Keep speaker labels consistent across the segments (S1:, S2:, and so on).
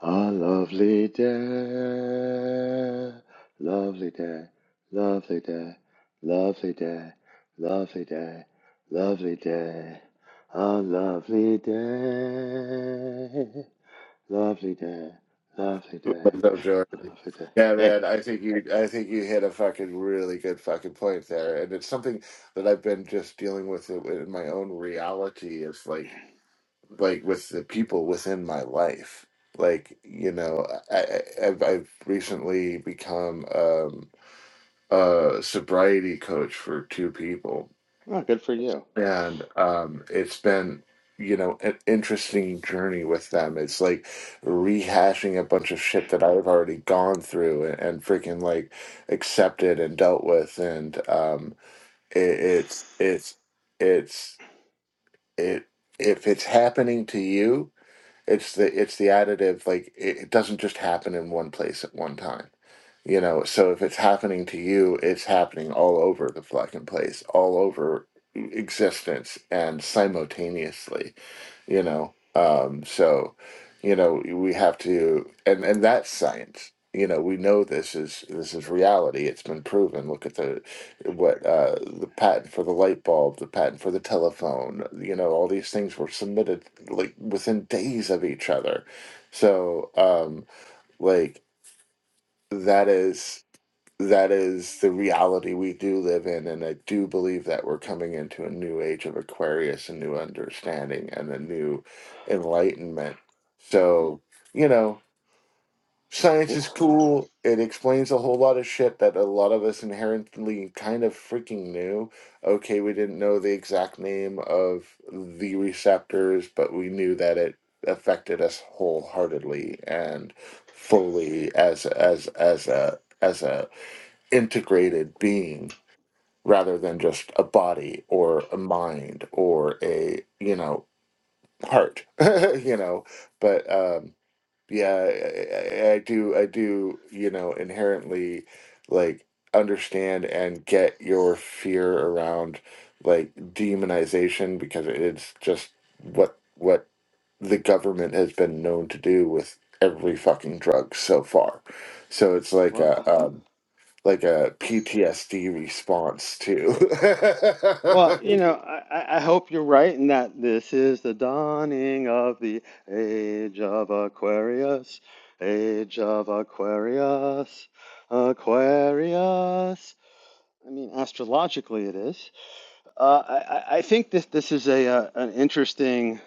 S1: A lovely day, lovely day, lovely day, lovely day, lovely day, lovely day. A lovely day, lovely day, lovely day,
S2: What's up, Jordan?
S1: lovely day.
S2: Yeah,
S1: Hey,
S2: man, I think you I think you hit a fucking really good fucking point there. And it's something that I've been just dealing with it in my own reality is like like with the people within my life. Like, you know, I, I I've I've recently become um a sobriety coach for two people
S1: well, good for you.
S2: and um, it's been you know an interesting journey with them it's like rehashing a bunch of shit that i've already gone through and, and freaking like accepted and dealt with and um it, it's it's it's it if it's happening to you it's the it's the additive. Like it, it doesn't just happen in one place at one time. You know, so if it's happening to you, it's happening all over the fucking place, all over e, existence and simultaneously, you know. Um, so, you know, we have to and and that's science. You know, we know this is this is reality. It's been proven. Look at the what uh, the patent for the light bulb, the patent for the telephone, you know, all these things were submitted like within days of each other. So, um, like that is that is the reality we do live in, and I do believe that we're coming into a new age of Aquarius, a new understanding, and a new enlightenment. So, you know. Science is cool. It explains a whole lot of shit that a lot of us inherently kind of freaking knew. Okay, we didn't know the exact name of the receptors, but we knew that it affected us wholeheartedly and fully as as as a as a integrated being rather than just a body or a mind or a, you know, heart, you know, but um yeah, I, I I do, I do, you know, inherently like understand and get your fear around like demonization because it's just what what the government has been known to do with every fucking drug so far. So it's like a
S1: Well,
S2: um, like a PTSD response too.
S1: Well, you know, I, I I hope you're right in that this is the dawning of the age of Aquarius, age of Aquarius, Aquarius. I mean, astrologically it is. Uh, I, I I think this this is a, uh an interesting,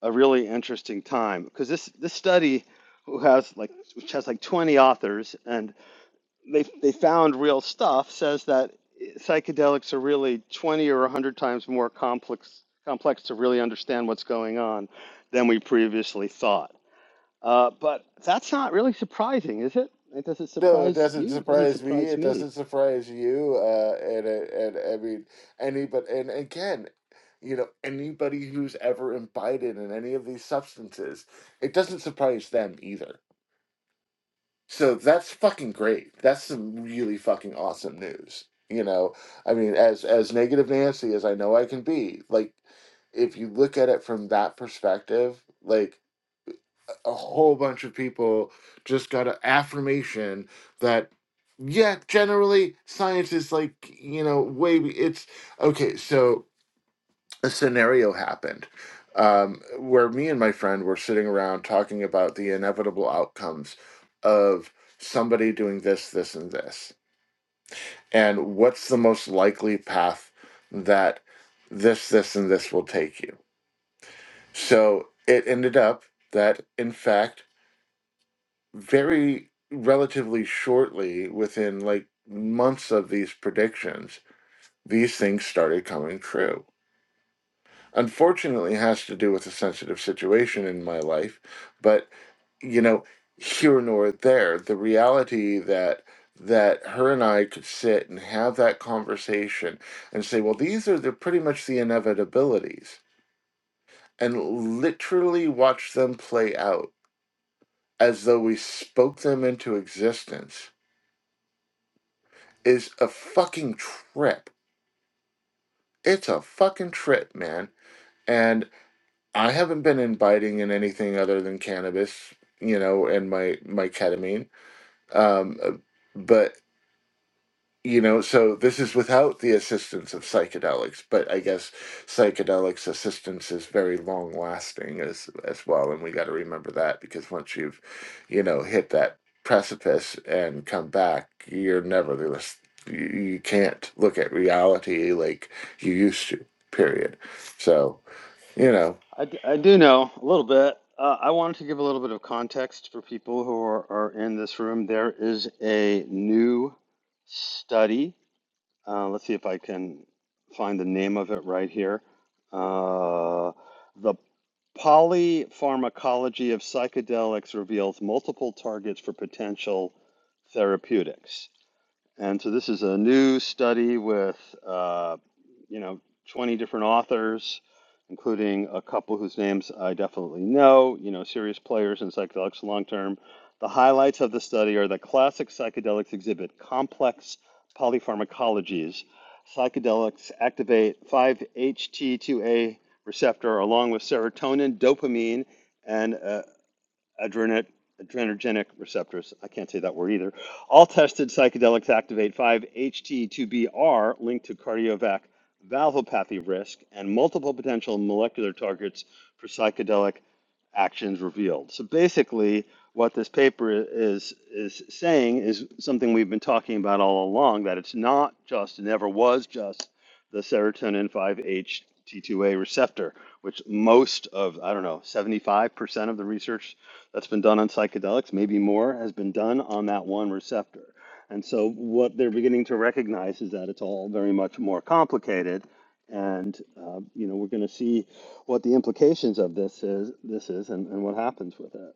S1: a really interesting time because this this study who has like which has like 20 authors and they they found real stuff says that psychedelics are really 20 or 100 times more complex complex to really understand what's going on than we previously thought. Uh, but that's not really surprising, is it? It doesn't
S2: No, it
S1: surprise
S2: doesn't
S1: you. It doesn't
S2: surprise me.
S1: surprise
S2: It
S1: me.
S2: doesn't surprise you. Uh, and, it- and I mean, anybody, and again, you know, anybody who's ever imbibed in any of these substances, it doesn't surprise them either. So that's fucking great. That's some really fucking awesome news. You know, I mean, as as negative Nancy as I know I can be, like, if you look at it from that perspective, like a whole bunch of people just got an affirmation that yeah generally science is like you know way it's okay so a scenario happened um, where me and my friend were sitting around talking about the inevitable outcomes of somebody doing this this and this and what's the most likely path that this this and this will take you so it ended up that in fact very relatively shortly, within like months of these predictions, these things started coming true. Unfortunately, it has to do with a sensitive situation in my life, but you know, here nor there, the reality that that her and I could sit and have that conversation and say, well, these are the pretty much the inevitabilities, and literally watch them play out as though we spoke them into existence is a fucking trip. It's a fucking trip, man. And I haven't been inviting in anything other than cannabis, you know, and my my ketamine. Um, uh, but you know so this is without the assistance of psychedelics but i guess psychedelics assistance is very long lasting as as well and we got to remember that because once you've you know hit that precipice and come back you're never the less- you you can't look at reality like you used to period so you know
S1: I, d- I do know a little bit. Uh, I wanted to give a little bit of context for people who are, are in this room. There is a new study Uh, let's see if I can find the name of it right here. Uh, the polypharmacology of psychedelics reveals multiple targets for potential therapeutics. And so this is a new study with, uh, you know, 20 different authors, including a couple whose names I definitely know, you know, serious players in psychedelics long term. The highlights of the study are that classic psychedelics exhibit complex polypharmacologies. Psychedelics activate 5-HT2A receptor along with serotonin, dopamine, and uh, Adrenergic adrenergenic receptors, I can't say that word either, all tested psychedelics activate 5-HT2BR linked to cardiovascular valvopathy risk and multiple potential molecular targets for psychedelic actions revealed. So basically, what this paper is is saying is something we've been talking about all along that it's not just, never was just the serotonin 5-HT2A receptor, which most of, I don't know, 75% of the research that's been done on psychedelics, maybe more, has been done on that one receptor. And so what they're beginning to recognize is that it's all very much more complicated and uh, you know we're going to see what the implications of this is this is and, and what happens with it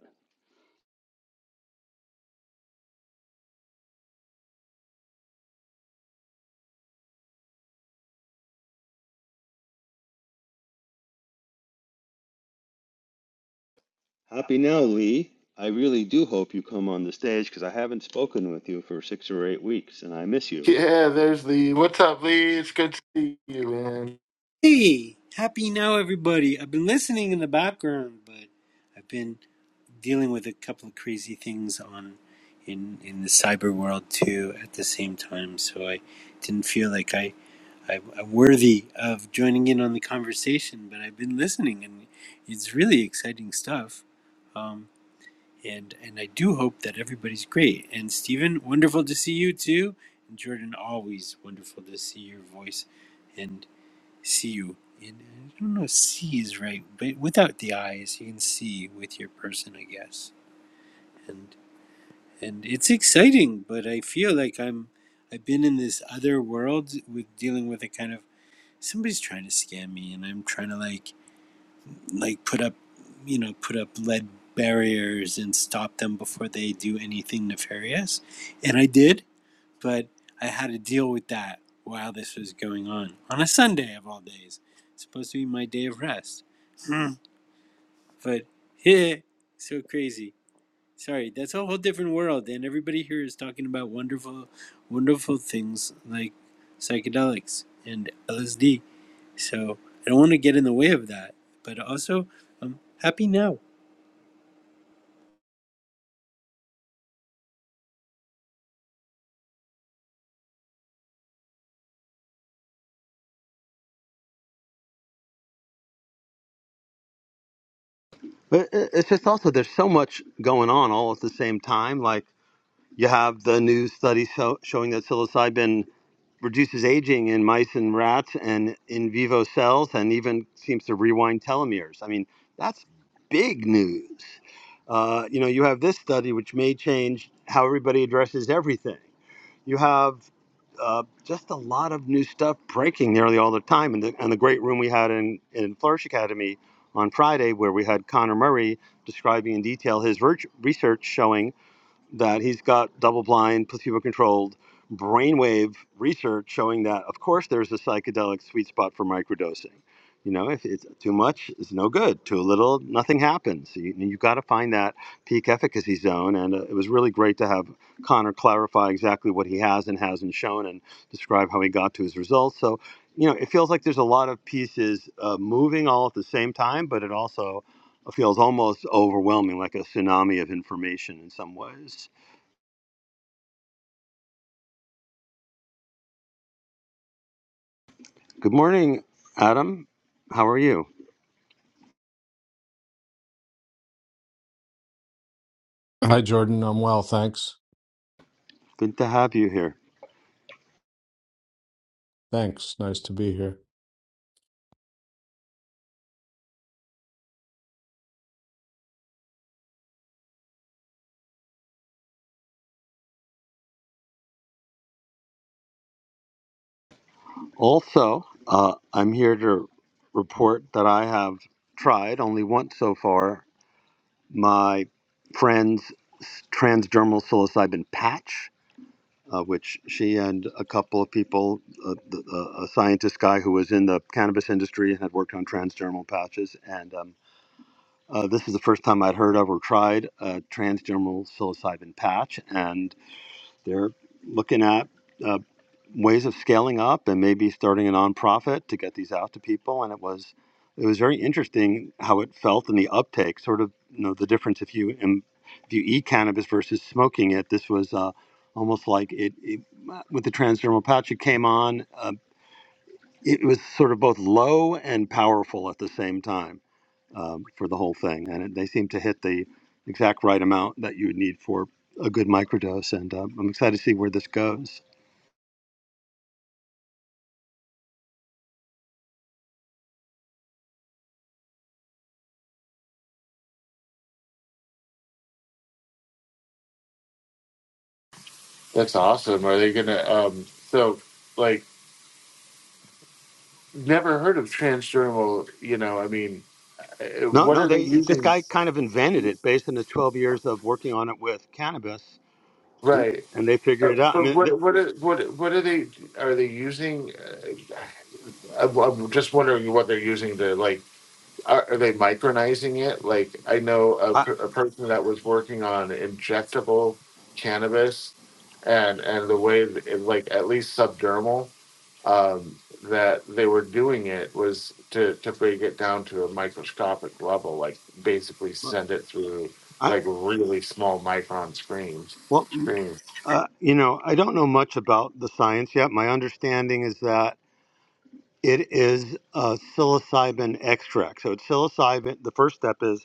S1: happy now lee i really do hope you come on the stage because i haven't spoken with you for six or eight weeks and i miss you
S2: yeah there's the what's up lee it's good to see you man
S3: Hey, happy now, everybody. I've been listening in the background, but I've been dealing with a couple of crazy things on in in the cyber world too at the same time. So I didn't feel like I I, I'm worthy of joining in on the conversation, but I've been listening, and it's really exciting stuff. Um, and and I do hope that everybody's great. And Stephen, wonderful to see you too. And Jordan, always wonderful to see your voice. And Siu. And I don't know if see is right, but without the eyes, you can see with your person, I guess. And and it's exciting, but I feel like I'm I've been in this other world with dealing with a kind of somebody's trying to scam me, and I'm trying to like like put up you know put up lead barriers and stop them before they do anything nefarious, and I did but I had to deal with that while this was going on on a Sunday of all days. It's supposed to be my day of rest, but yeah, so crazy. Sorry, that's a whole different world, and everybody here is talking about wonderful, wonderful things like psychedelics and LSD. So I don't want to get in the way of that, but also I'm happy now.
S1: But i- it's just also there's so much going on all at the same time. Like you have the new study so, showing that psilocybin reduces aging in mice and rats and in vivo cells, and even seems to rewind telomeres. I mean, that's big news. Uh, you know, you have this study which may change how everybody addresses everything. You have uh, just a lot of new stuff breaking nearly all the time. And the, and the great room we had in, in Flourish Academy on Friday, where we had Connor Murray describing in detail his research showing that he's got double blind, placebo controlled brainwave research showing that, of course, there's a psychedelic sweet spot for microdosing. You know, if it's too much, it's no good. Too little, nothing happens. You, you've got to find that peak efficacy zone. And uh, it was really great to have Connor clarify exactly what he has and hasn't shown and describe how he got to his results. So, you know, it feels like there's a lot of pieces uh, moving all at the same time, but it also feels almost overwhelming, like a tsunami of information in some ways. Good morning, Adam. How are you?
S4: Hi, Jordan. I'm well, thanks.
S1: Good to have you here.
S4: Thanks. Nice to be here.
S1: Also, uh, I'm here to report that I have tried only once so far my friend's transdermal psilocybin patch, uh, which she and a couple of people, uh, the, uh, a scientist guy who was in the cannabis industry and had worked on transdermal patches, and um, uh, this is the first time I'd heard of or tried a transdermal psilocybin patch, and. They're looking at uh, ways of scaling up and maybe starting a nonprofit to get these out to people. And it was it was very interesting how it felt in the uptake. Sort of you know the difference if you im- if you eat cannabis versus smoking it. This was uh, almost like it, it with the transdermal patch. It came on. Uh, it was sort of both low and powerful at the same time um, for the whole thing, and it, they seem to hit the exact right amount that you would need for a good microdose. And um, I'm excited to see where this goes.
S2: that's awesome are they gonna um so like Never heard of transdermal. You know, I mean, uh,
S1: No,
S2: what
S1: no,
S2: are they
S1: they this
S2: using?
S1: guy kind of invented it based on his 12 years of working on it with cannabis, and,
S2: Right.
S1: and they figured
S2: Uh,
S1: it out. I
S2: But
S1: mean, th
S2: what what are, what what are they are they using? Uh, I'm I'm just wondering what they're using to like. Are, are they micronizing it? Like I know a,
S1: I,
S2: per- a person that was working on injectable cannabis, and and the way it, like at least subdermal. um, that they were doing it was to, to break it down to a microscopic level, like basically send it through
S1: I
S2: like really small micron screens.
S1: well,
S2: Screens.
S1: uh, you know, I don't know much about the science yet. My understanding is that it is a psilocybin extract. So it's psilocybin. The first step is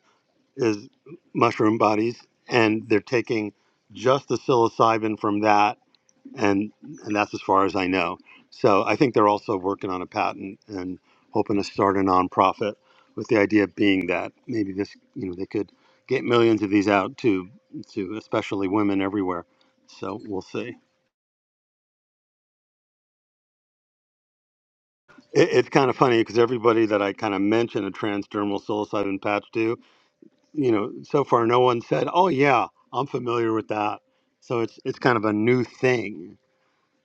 S1: is mushroom bodies, and they're taking just the psilocybin from that, and and that's as far as I know. So I think they're also working on a patent and hoping to start a nonprofit with the idea being that maybe this, you know, they could get millions of these out to to especially women everywhere. So we'll see. It, it's kind of funny because everybody that I kind of mention a transdermal psilocybin patch to, you know, so far no one said, "Oh yeah, I'm familiar with that." So it's it's kind of a new thing.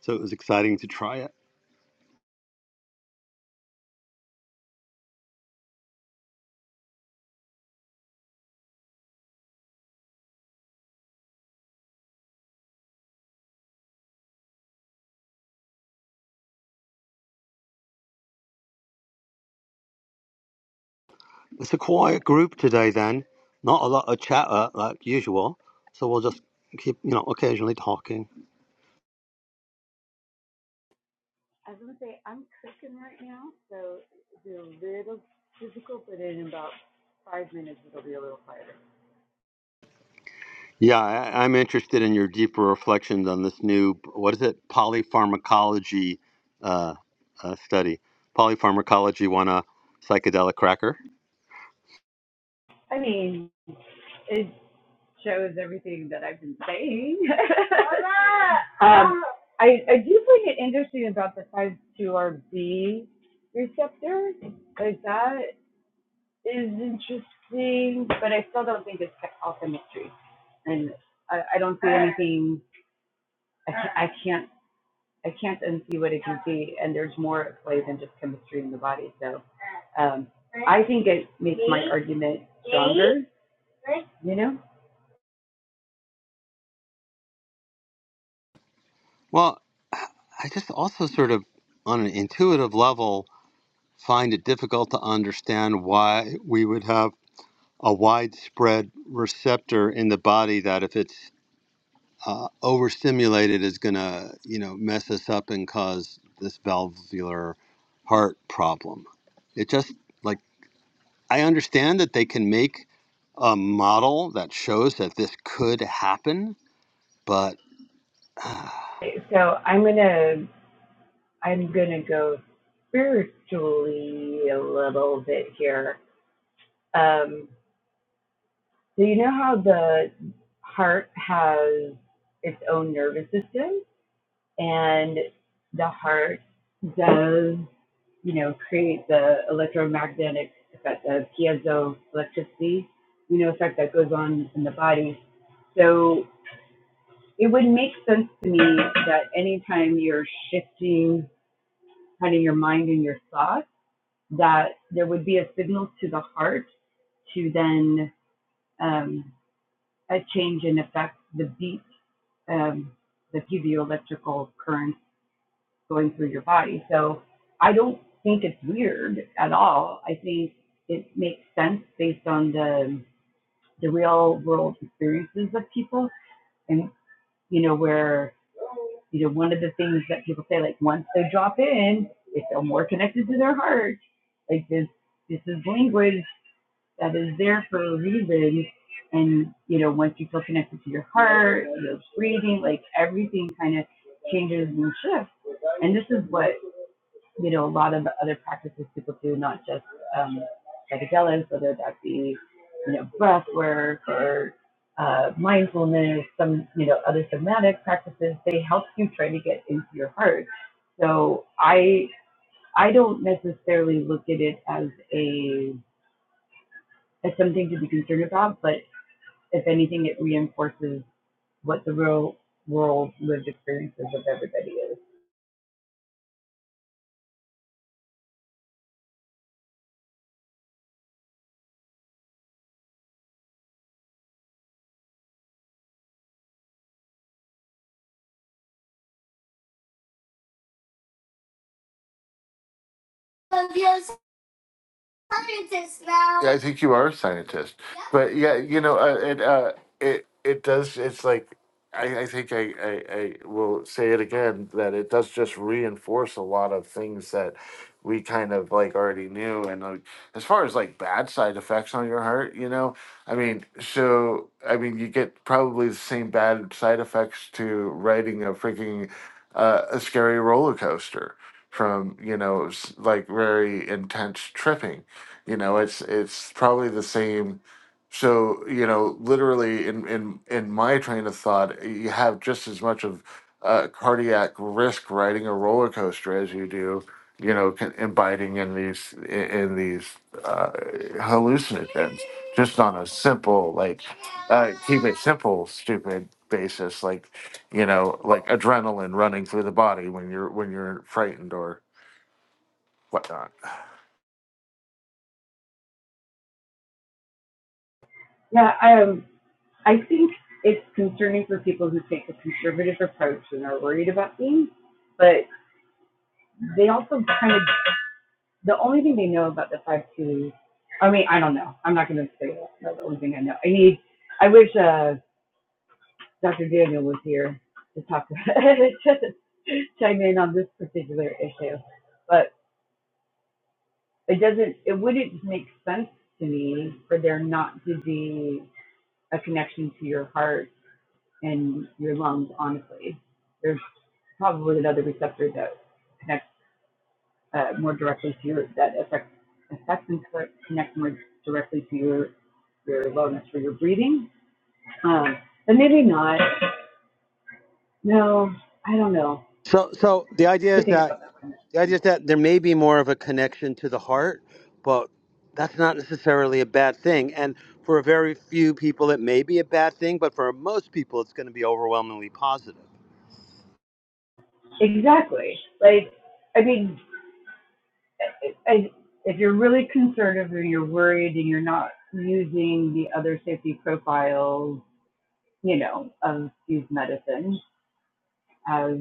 S1: So it was exciting to try it. It's a quiet group today then. Not a lot of chatter like usual. So we'll just keep, you know, occasionally talking.
S5: I was gonna say I'm cooking right now, so it'll be a little difficult, but in about five minutes it'll be a little quieter.
S1: Yeah, I, I'm interested in your deeper reflections on this new what is it? Polypharmacology uh, uh, study. Polypharmacology won a psychedelic cracker.
S5: I mean, it shows everything that I've been saying. um, I, I do find it interesting about the 5-2RB receptor, because that is interesting, but I still don't think it's all alchemistry. And I, I don't see anything, I, ca- I can't I can't unsee what it can see, and there's more at play than just chemistry in the body. So um, I think it makes my argument stronger. You know.
S1: Well, I just also sort of on an intuitive level find it difficult to understand why we would have a widespread receptor in the body that if it's uh, overstimulated is going to you know mess us up and cause this valvular heart problem it just like i understand that they can make a model that shows that this could happen but
S5: So I'm gonna I'm gonna go spiritually a little bit here. Um, so you know how the heart has its own nervous system, and the heart does you know, create the electromagnetic effect, the piezo electricity, you know, effect that goes on in the body. So it would make sense to me that anytime you're shifting kind of your mind and your thoughts, that there would be a signal to the heart to then um, a change in effect, the beat, um, the piezoelectrical current going through your body. So I don't think it's weird at all. I think it makes sense based on the the real world experiences of people and you know where you know one of the things that people say like once they drop in they feel more connected to their heart like this this is language that is there for a reason and you know once you feel connected to your heart your breathing like everything kind of changes and shifts and this is what you know, a lot of the other practices people do, not just um, psychedelics, whether that be, you know, breath work or uh, mindfulness, some, you know, other somatic practices, they help you try to get into your heart. So I, I don't necessarily look at it as a, as something to be concerned about, but if anything, it reinforces what the real world lived experiences of everybody is.
S2: scientist now. Yeah, I think you are a scientist. Yeah. But yeah, you know, uh, it uh, it it does. It's like I, I think I, I I will say it again that it does just reinforce a lot of things that we kind of like already knew. And uh, as far as like bad side effects on your heart, you know, I mean, so I mean, you get probably the same bad side effects to riding a freaking uh, a scary roller coaster from you know s- like very intense tripping you know it's it's probably the same so you know literally in in in my train of thought you have just as much of uh, cardiac risk riding a roller coaster as you do you know con- inviting in these in in these uh, hallucinogens just on a simple like uh, keep it simple stupid basis like you know like adrenaline running through the body when you're when you're frightened or whatnot
S5: Yeah, I I think it's concerning for people who take a conservative approach and are worried about things, but they also kind of the only thing they know about the five two. I mean, I don't know. I'm not going to say that. That's the only thing I know. I need. I wish uh, Dr. Daniel was here to talk about to chime in on this particular issue, but it doesn't. It wouldn't make sense to me for there not to be a connection to your heart in your lungs, honestly. There's probably another receptor that connects uh, more directly to your that affects affects and connects more directly to your your wellness for your breathing. Um, but maybe not. No, I don't know.
S1: so so the
S5: I have
S1: idea
S5: to
S1: is
S5: think
S1: that
S5: about that one.
S1: The idea is that there may be more of a connection to the heart, but that's not necessarily a bad thing. And for a very few people, it may be a bad thing, but for most people, it's going to be overwhelmingly positive.
S5: Exactly. Like, I mean, I, I, if you're really conservative or you're worried and you're not using the other safety profiles, you know, of these medicines as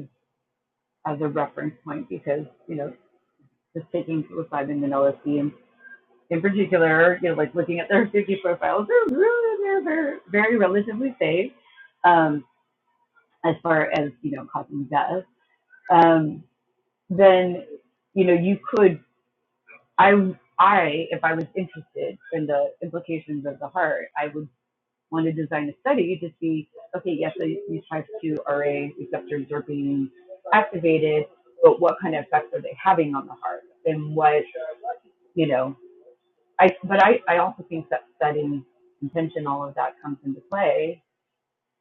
S5: as a reference point because, you know, just taking psilocybin and LSD and in particular, you know, like looking at their safety profiles, they're really, they're, they're very relatively safe um, as far as, you know, causing death. Um, then, you know, you could, I, I, if I was interested in the implications of the heart, I would want to design a study to see, okay, yes, these these type 2 RA receptors are being activated, but what kind of effects are they having on the heart? And what, you know, I, but I, I also think that setting intention, all of that comes into play.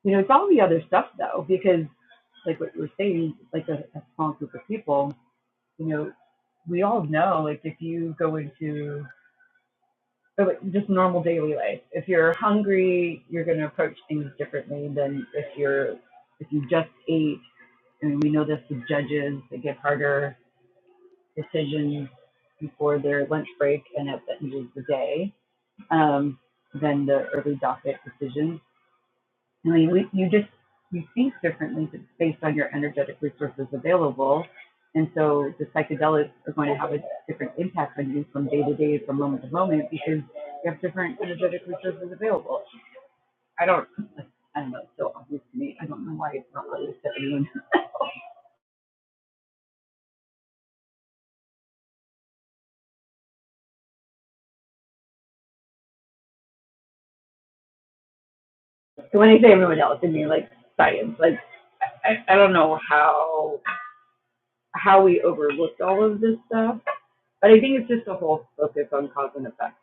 S5: You know, it's all the other stuff though, because like what you are saying, like a, a small group of people, you know, we all know, like if you go into or like just normal daily life. If you're hungry, you're going to approach things differently than if you're if you just ate. I mean, we know this with judges; they give harder decisions before their lunch break and at the end of the day um, than the early docket decisions. I mean, we, you just, you think differently based on your energetic resources available. And so the psychedelics are going to have a different impact on you from day to day, from moment to moment, because you have different energetic resources available. I don't, like, I don't know, it's so obvious to me. I don't know why it's not obvious to anyone. So when I say everyone else, I mean like science. Like I, I don't know how, how we overlooked all of this stuff. But I think it's just a whole focus on cause and effect.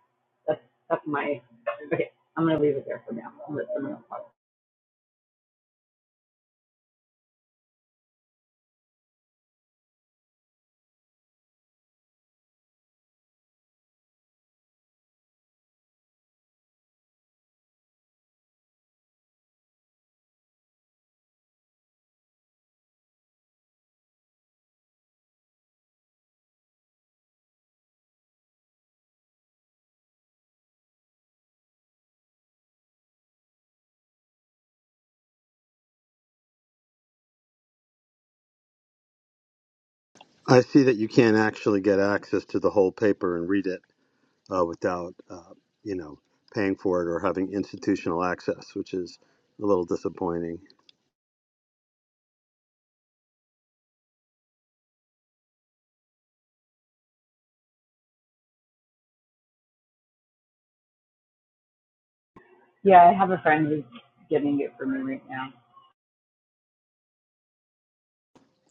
S5: That's that's my okay. I'm gonna leave it there for now. I'll let someone else talk.
S1: I see that you can't actually get access to the whole paper and read it uh, without, uh, you know, paying for it or having institutional access, which is a little disappointing.
S5: Yeah, I have a friend who's getting it for me right now.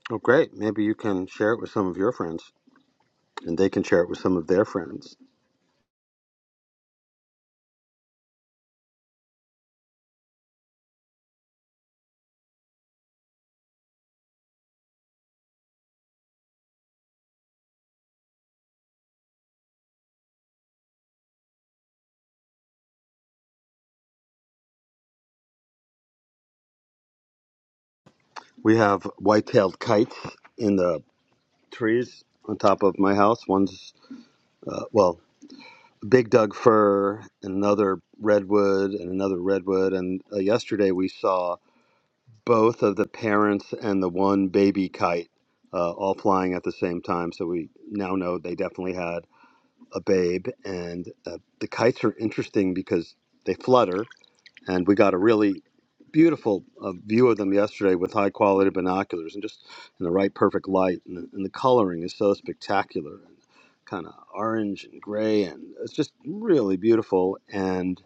S1: Oh, great. Maybe you can share it with some of your friends and they can share it with some of their friends. We have white tailed kites in the trees on top of my house. One's, uh, well, big Doug fir, another redwood, and another redwood. And uh, yesterday we saw both of the parents and the one baby kite uh, all flying at the same time. So we now know they definitely had a babe. And uh, the kites are interesting because they flutter and we got a really beautiful uh, view of them yesterday with high quality binoculars and just in the right perfect light and the, and the coloring is so spectacular and kind of orange and gray and it's just really beautiful and.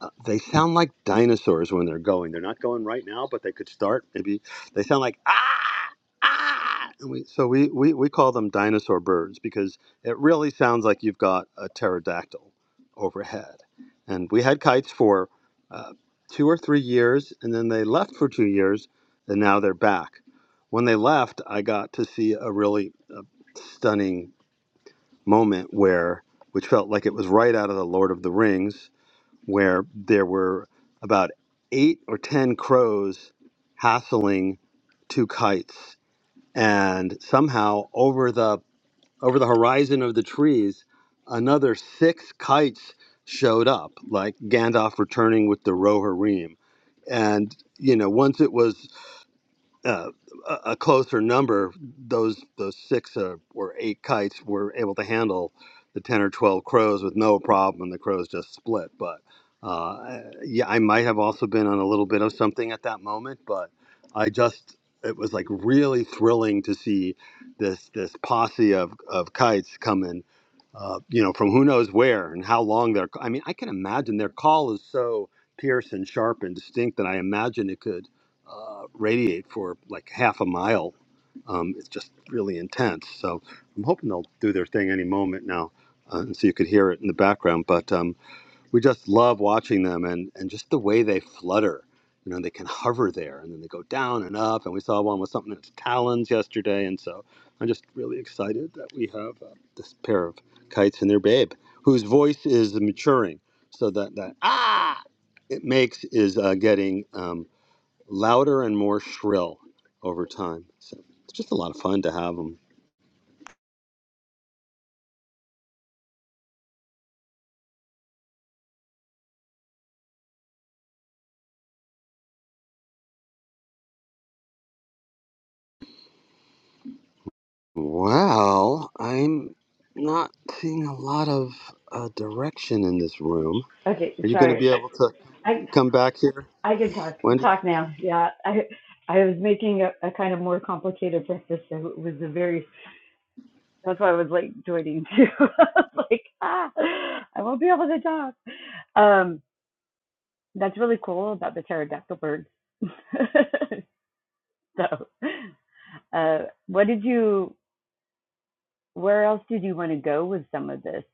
S1: Uh, they sound like dinosaurs when they're going. They're not going right now, but they could start. Maybe they sound like ah ah. And we, so we, we we call them dinosaur birds because it really sounds like you've got a pterodactyl overhead. And we had kites for uh, two or three years, and then they left for two years, and now they're back. When they left, I got to see a really uh, stunning moment where, which felt like it was right out of the Lord of the Rings where there were about eight or ten crows hassling two kites and somehow over the over the horizon of the trees another six kites showed up like gandalf returning with the rohirrim and you know once it was uh, a a closer number, those those six uh, or eight kites were able to handle the ten or twelve crows with no problem, and the crows just split. But uh, yeah, I might have also been on a little bit of something at that moment, but I just it was like really thrilling to see this this posse of of kites coming, uh, you know, from who knows where and how long they're. I mean, I can imagine their call is so. Pierce and sharp and distinct that I imagine it could uh, radiate for like half a mile. Um, it's just really intense. So I'm hoping they'll do their thing any moment now. Uh, and so you could hear it in the background. But um, we just love watching them and, and just the way they flutter. You know, they can hover there and then they go down and up. And we saw one with something that's talons yesterday. And so I'm just really excited that we have uh, this pair of kites and their babe, whose voice is maturing. So that, that ah, it makes is uh, getting. Um, louder and more shrill over time. So it's just a lot of fun to have them. Well, I'm not seeing a lot of uh, direction in this room.
S5: Okay,
S1: Are you going to
S5: sorry.
S1: be able to
S5: I
S1: come back here,
S5: I can talk
S1: Wendy?
S5: talk now. Yeah, I I was making a, a kind of more complicated breakfast, so it was a very that's why I was late joining too. like ah, I won't be able to talk. Um, that's really cool about the pterodactyl birds. so, uh, what did you? where else did you want to go with this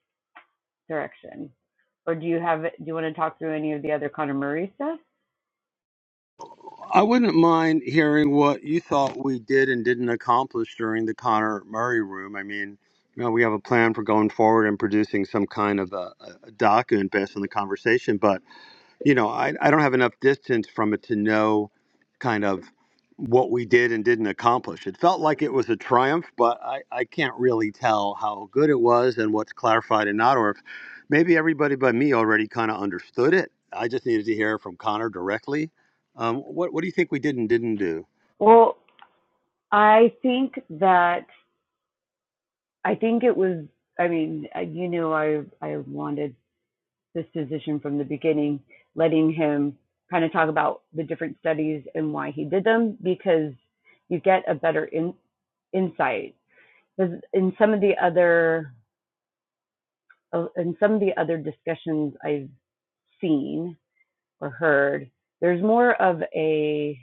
S5: direction? Ordinary
S1: I wouldn't mind hearing what you thought we did and didn't accomplish during the Connor Murray room. I mean, you know, we have a plan for going forward and producing some kind of a, a a document based on the conversation, but you know, I, I don't have enough distance from it to know kind of what we did and didn't accomplish. It felt like it was a triumph, but I, I can't really tell how good it was and what's clarified and not, or if maybe everybody but me already kind of understood it. I just needed to hear from Connor directly. Um, what, what do you think we did and didn't do?
S5: Well, I think that I think it was. I mean, uh, you know, I I wanted this position from the beginning, letting him kind of talk about the different studies and why he did them because you get a better in, insight. Because in some of the other uh, in some of the other discussions I've seen or heard, there's more of a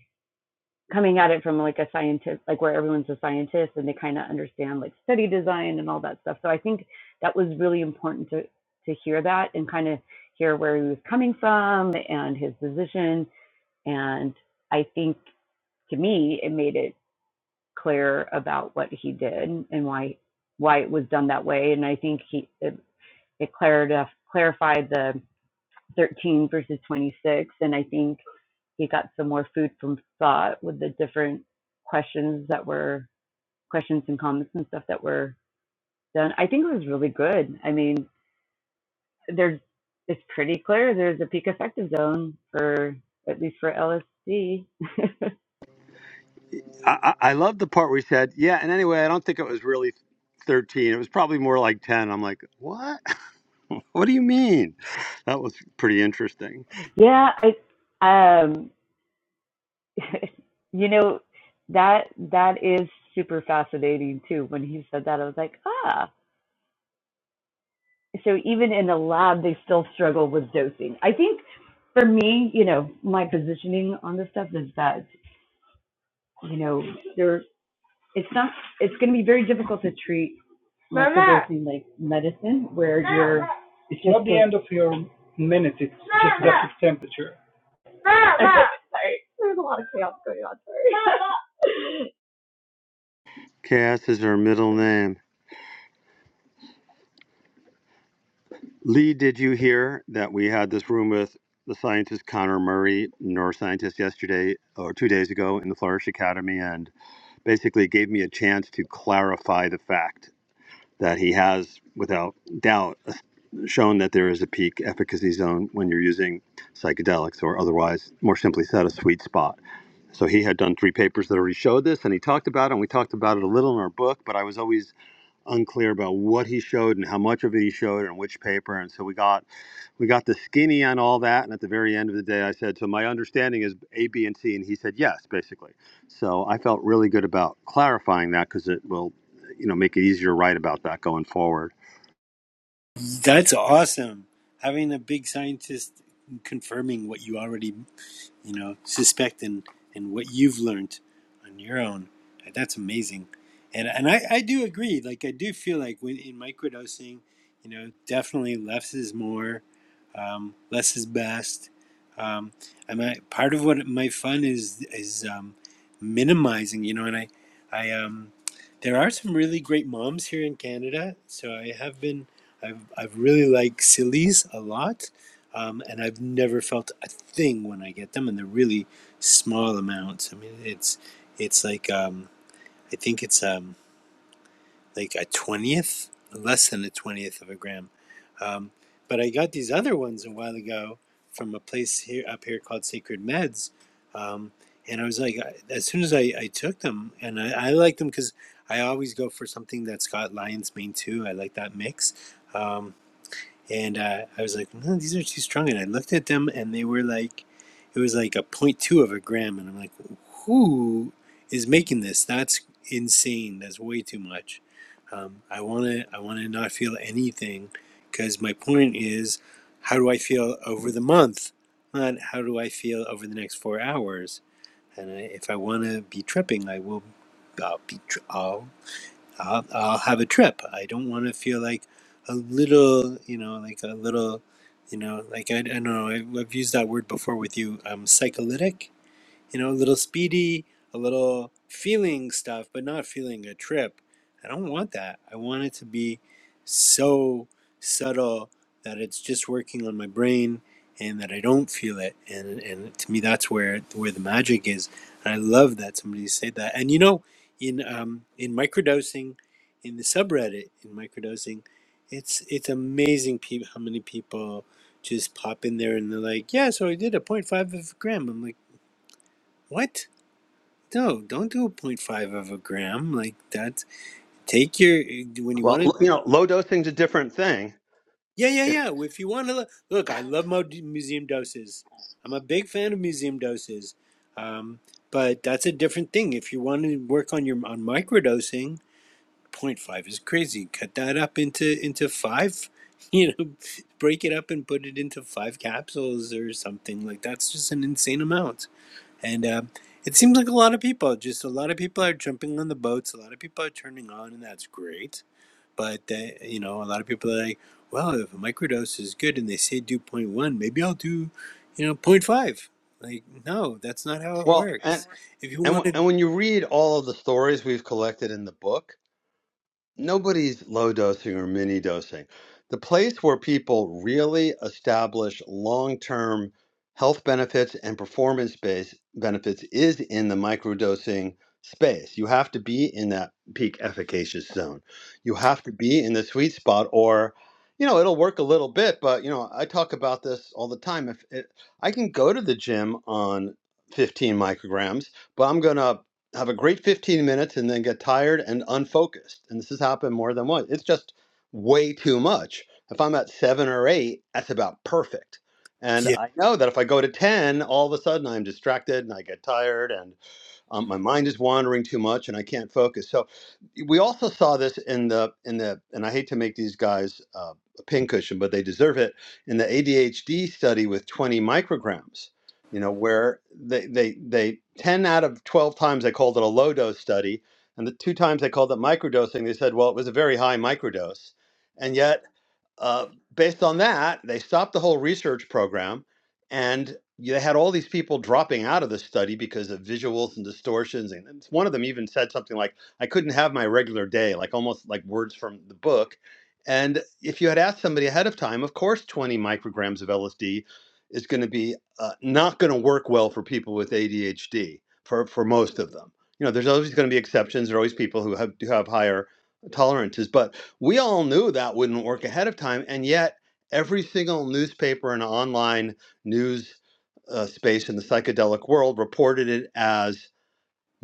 S5: coming at it from like a scientist, like where everyone's a scientist and they kind of understand like study design and all that stuff. So I think that was really important to to hear that and kind of hear where he was coming from and his position. And I think to me, it made it clear about what he did and why why it was done that way. And I think he it, it clarified clarified the 13 versus 26. And I think he got some more food from thought with the different questions that were questions and comments and stuff that were done. I think it was really good. I mean, there's it's pretty clear there's a peak effective zone for at least for LSD.
S1: I, I, I love the part where he said, yeah, and anyway, I don't think it was really 13. It was probably more like 10. I'm like, what? what do you mean? That was pretty interesting.
S5: yeah, I um you know that that is super fascinating too. When he said that, I was like, ah. so even in the lab they still struggle with dosing i think for me you know my positioning on this stuff is that you know there it's not it's going to be very difficult to treat microdosing like medicine where you're It's not the end of your minute, it's just that it's temperature. I'm sorry. There's a lot of chaos going on. Sorry.
S1: Cass is her middle name. Lee, did you hear that we had this room with the scientist Connor Murray, neuroscientist, yesterday or two days ago in the Flourish Academy, and basically gave me a chance to clarify the fact that he has, without doubt, shown that there is a peak efficacy zone when you're using psychedelics or otherwise, more simply said, a sweet spot. So he had done three papers that already showed this, and he talked about it, and we talked about it a little in our book, but I was always unclear about what he showed and how much of it he showed and which paper. And so we got we got the skinny on all that. And at the very end of the day, I said, "So my understanding is A, B, and C," and he said, "Yes," basically. So I felt really good about clarifying that because it will, you know, make it easier to write about that going forward.
S3: That's awesome. Having a big scientist confirming what you already you know, suspect and, and what you've learned on your own. Uh, That's amazing. And, and I, I do agree. Like, I do feel like when, in microdosing, you know, definitely less is more, um, less is best. Um, and I, part of what my fun is, is um, minimizing, you know, and I, I, um, there are some really great moms here in Canada. So I have been, I've, I've really liked Silly's a lot um, and I've never felt a thing when I get them, and they're really small amounts. I mean, it's it's like um, I think it's um, like a twentieth, less than a twentieth of a gram. Um, but I got these other ones a while ago from a place here up here called Sacred Meds, um, and I was like, as soon as I, I took them, and I, I like them because I always go for something that's got lion's mane too. I like that mix. Um, and uh, I was like, no, these are too strong. And I looked at them, and they were like, it was like a point two of a gram, and I'm like, who is making this? That's insane. That's way too much. Um, I wanna, I wanna not feel anything, because my point is, how do I feel over the month, not how do I feel over the next four hours? And I, if I wanna be tripping, I will. I'll be. I'll I'll, I'll have a trip. I don't want to feel like a little, you know, like a little, you know, like I, I don't know. I, I've used that word before with you. Um, psycholytic you know, a little speedy, a little feeling stuff, but not feeling a trip. I don't want that. I want it to be so subtle that it's just working on my brain and that I don't feel it. And and to me, that's where where the magic is. And I love that somebody said that. And you know, in um, in microdosing, in the subreddit in microdosing, it's it's amazing peop how many people just pop in there and they're like, yeah, so I did a point five of a gram. I'm like, what? No, don't do a point five of a gram like that. Take your when you
S1: Well,
S3: want to.
S1: you know, low dosing's a different thing.
S3: Yeah, yeah,
S1: It-
S3: yeah. If you want to look, look, I love mo- museum doses. I'm a big fan of museum doses, um, but that's a different thing. If you want to work on your on microdosing, point five is crazy. Cut that up into into five. You know, break it up and put it into five capsules or something like that's just an insane amount. And um, it seems like a lot of people, just a lot of people are jumping on the boats. A lot of people are turning on, and that's great. But they, you know, a lot of people are like, well, if a microdose is good, and they say do zero point 0.1, maybe I'll do, you know, zero point 0.5. Like, no, that's not how it
S1: well, and
S3: works. If you
S1: and
S3: want
S1: wh-
S3: to,
S1: and when you read all of the stories we've collected in the book nobody's low dosing or mini dosing. The place where people really establish long term health benefits and performance based benefits is in the microdosing space. You have to be in that peak efficacious zone. You have to be in the sweet spot or you know, it'll work a little bit, but you know, I talk about this all the time. If it, I can go to the gym on 15 micrograms, but I'm going to have a great 15 minutes and then get tired and unfocused. And this has happened more than once. It's just way too much. If I'm at seven or eight, that's about perfect. And
S3: yeah,
S1: I know that if I go to 10, all of a sudden I'm distracted and I get tired. and. Um, my mind is wandering too much, and I can't focus. So we also saw this in the in the and I hate to make these guys uh, a pincushion, but they deserve it in the ADHD study with 20 micrograms. You know where they they they 10 out of 12 times they called it a low dose study, and the two times they called it microdosing, they said, well, it was a very high microdose, and yet uh, based on that, they stopped the whole research program and they had all these people dropping out of the study because of visuals and distortions. And one of them even said something like, I couldn't have my regular day, like almost like words from the book. And if you had asked somebody ahead of time, of course, 20 micrograms of LSD is going to be uh, not going to work well for people with ADHD, for, for most of them. You know, there's always going to be exceptions. There are always people who have, who have higher tolerances, but we all knew that wouldn't work ahead of time, and yet every single newspaper and online news uh, space in the psychedelic world reported it as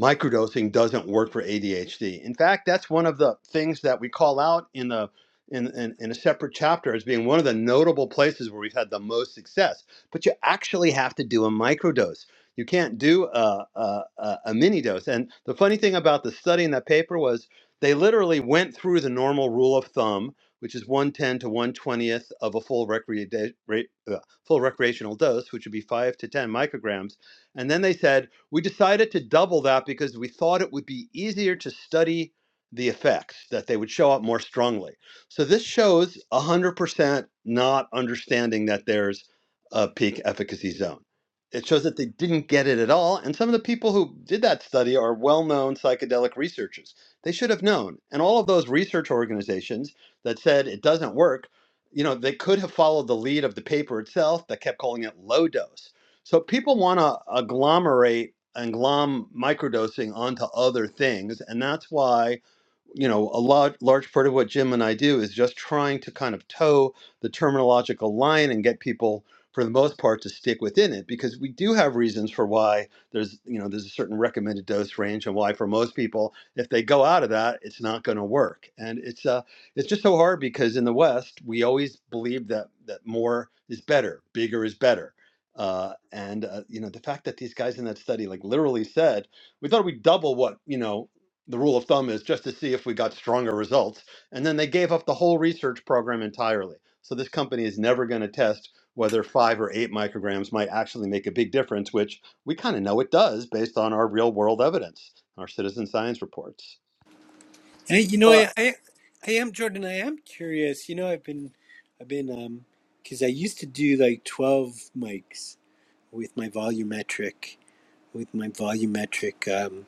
S1: microdosing doesn't work for ADHD. In fact, that's one of the things that we call out in the in, in, in a separate chapter as being one of the notable places where we've had the most success. But you actually have to do a microdose. You can't do a, a, a, mini dose. And the funny thing about the study in that paper was they literally went through the normal rule of thumb, which is 110 to 120th of a full, recre- da- re- uh, full recreational dose, which would be 5 to 10 micrograms. And then they said, we decided to double that because we thought it would be easier to study the effects, that they would show up more strongly. So this shows 100% not understanding that there's a peak efficacy zone. It shows that they didn't get it at all. And some of the people who did that study are well known psychedelic researchers. They should have known. And all of those research organizations that said it doesn't work, you know, they could have followed the lead of the paper itself that kept calling it low dose so people want to agglomerate and glom microdosing onto other things, and that's why you know, a lot, large part of what Jim and I do is just trying to kind of toe the terminological line and get people, for the most part, to stick within it because we do have reasons for why there's, you know, there's a certain recommended dose range and why for most people, if they go out of that, it's not going to work. And it's, uh, it's just so hard because in the West, we always believe that that more is better, bigger is better. Uh, and uh, you know the fact that these guys in that study like literally said we thought we'd double what you know the rule of thumb is just to see if we got stronger results. And then they gave up the whole research program entirely. So this company is never going to test whether five or eight micrograms might actually make a big difference, which we kind of know it does based on our real world evidence, our citizen science reports.
S3: I, you know, I, I, I am Jordan. I am curious. You know, I've been, I've been, um, because I used to do like 12 mics with my volumetric. with my volumetric um,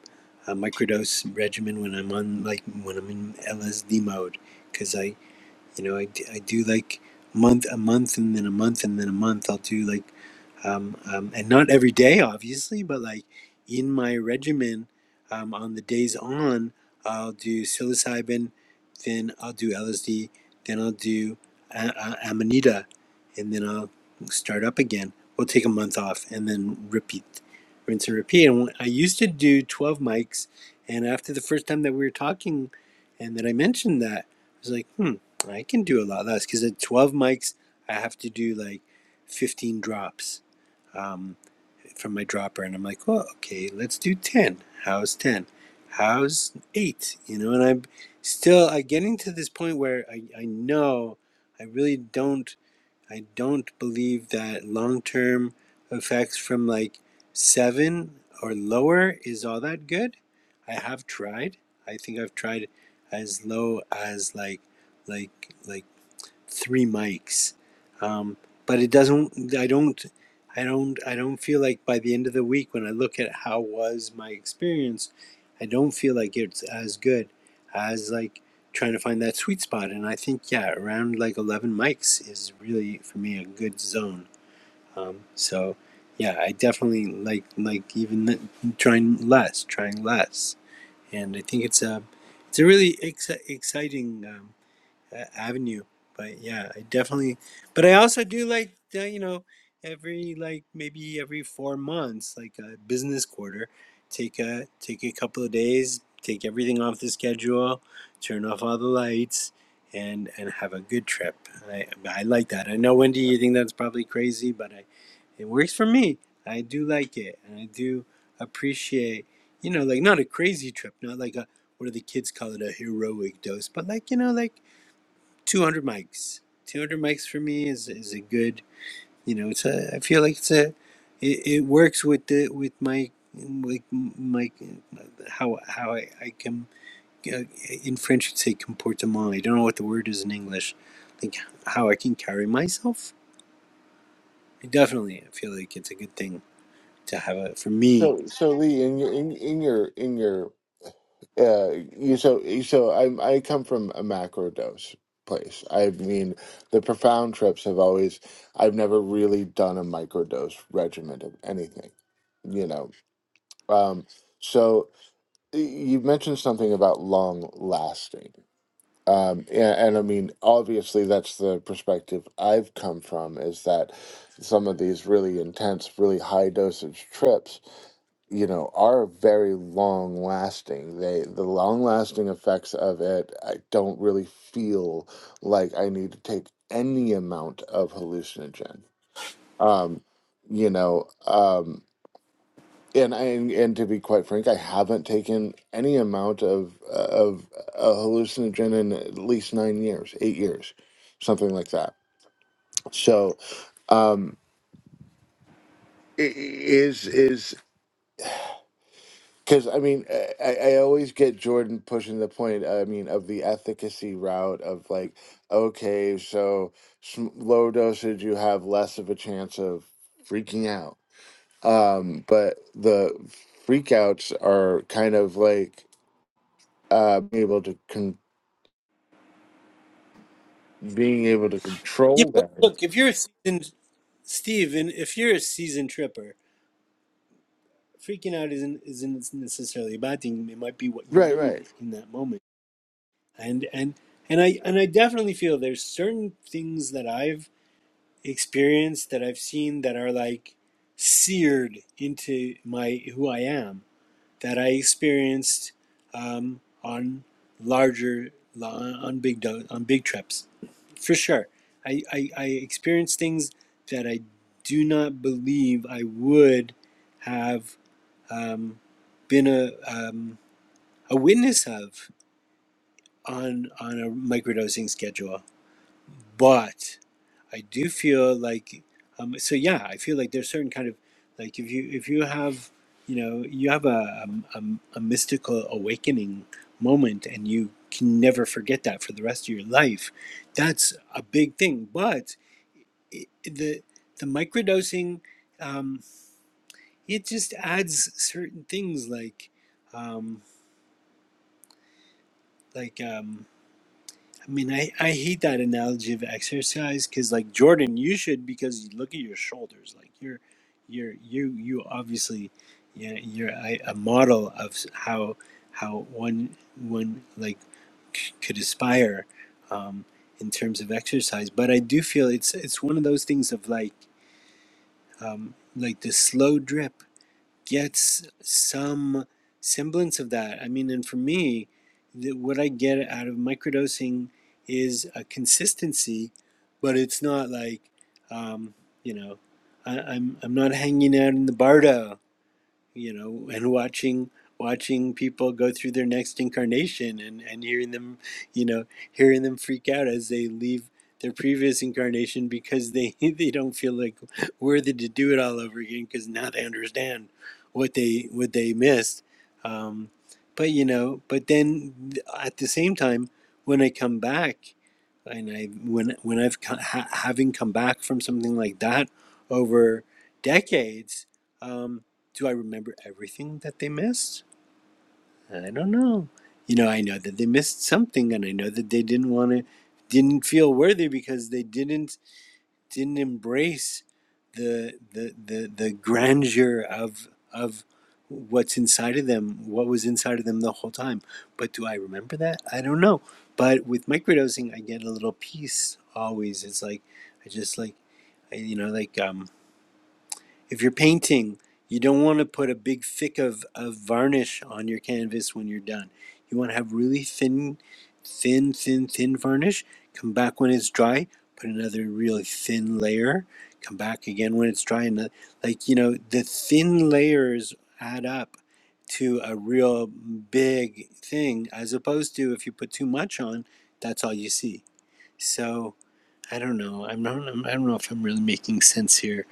S3: uh, microdose regimen when I'm on like when I'm in LSD mode because I you know I I do like month a month and then a month and then a month I'll do like um, um, and not every day, obviously, but like in my regimen, um, on the days on, I'll do psilocybin, then I'll do LSD, then I'll do a- a- amanita, and then I'll start up again. We'll take a month off and then repeat, rinse and repeat. And when- I used to do 12 mics, and after the first time that we were talking and that I mentioned that, I was like, hmm, I can do a lot less because at 12 mics, I have to do like 15 drops um, from my dropper, and I'm like, well, okay, let's do ten. How's ten? How's eight? You know, and I'm still I getting to this point where I, I know I really don't I don't believe that long term effects from like seven or lower is all that good. I have tried. I think I've tried as low as like like like three mics. Um, but it doesn't. I don't. I don't. I don't feel like by the end of the week, when I look at how was my experience, I don't feel like it's as good as like trying to find that sweet spot. And I think yeah, around like eleven mics is really for me a good zone. Um, so yeah, I definitely like like even trying less, trying less. And I think it's a it's a really ex- exciting. Um, that avenue. But yeah, I definitely. But I also do like uh, you know every like maybe every four months, like a business quarter, take a take a couple of days, take everything off the schedule, turn off all the lights, and and have a good trip. I I like that. I know Wendy, you think that's probably crazy, but I, it works for me. I do like it, and I do appreciate you know like not a crazy trip, not like a what do the kids call it a heroic dose, but like you know like 200 mics 200 mics for me is is a good you know it's a i feel like it's a it, it works with the with my like my how how i, I can uh, in french you'd say comportement i don't know what the word is in english like how i can carry myself definitely i feel like it's a good thing to have a for me
S2: So, so Lee, in your in, in your in your uh, you so so I I come from a macro dose place. I mean, the profound trips have always I've never really done a micro dose regimen of anything, you know. Um, so y- you mentioned something about long lasting, um, and, and I mean, obviously that's the perspective I've come from is that some of these really intense, really high dosage trips you know are very long lasting they the long lasting effects of it i don't really feel like i need to take any amount of hallucinogen um you know um and I, and and to be quite frank i haven't taken any amount of of a hallucinogen in at least 9 years 8 years something like that so um i- i- is is Because I mean, I, I I always get Jordan pushing the point. I mean, of the efficacy route of like, okay, so sm- low dosage, you have less of a chance of freaking out. Um, but the freakouts are kind of like uh, able to con- being able to
S3: yeah
S2: control
S3: but
S2: them.
S3: look if you're a seasoned steve and if you're a seasoned tripper freaking out isn't isn't necessarily a bad thing it might be what you
S2: Right, right.
S3: need in that moment and and and I and I definitely feel there's certain things that I've experienced that I've seen that are like seared into my who I am that I experienced um, on larger on big do- on big trips for sure. I, I I experienced things that I do not believe I would have um, been a um, a witness of on on a microdosing schedule but I do feel like um, so yeah I feel like there's certain kind of like if you if you have you know you have a um, um, a, mystical awakening moment and you can never forget that for the rest of your life that's a big thing but it, the the microdosing um, it just adds certain things like um, like um, I mean, I, I hate that analogy of exercise because, like Jordan, you should because you look at your shoulders. Like you're, you're you you obviously, yeah, you're a, a model of how how one one like c- could aspire um, in terms of exercise. But I do feel it's it's one of those things of like um, like the slow drip gets some semblance of that. I mean, and for me, the, what I get out of microdosing is a consistency, but it's not like, um, you know, I, I'm I'm not hanging out in the bardo you know, and watching watching people go through their next incarnation and and hearing them, you know, hearing them freak out as they leave their previous incarnation because they they don't feel like worthy to do it all over again because now they understand what they what they missed. Um, but you know, but then at the same time, when I come back and I when when I've co- ha- having come back from something like that over decades, um, do I remember everything that they missed? I don't know. You know, I know that they missed something, and I know that they didn't want to, didn't feel worthy because they didn't didn't embrace the the the, the grandeur of of what's inside of them, what was inside of them the whole time. But do I remember that? I don't know. But with microdosing, I get a little peace always. It's like I just like I, you know like um if you're painting, you don't want to put a big thick of, of varnish on your canvas when you're done. You want to have really thin, thin, thin, thin varnish. Come back when it's dry, put another really thin layer. Come back again when it's dry, and uh, like you know, the thin layers add up to a real big thing, as opposed to if you put too much on, that's all you see. So I don't know. I'm not. I'm- I am not i do not know if I'm really making sense here.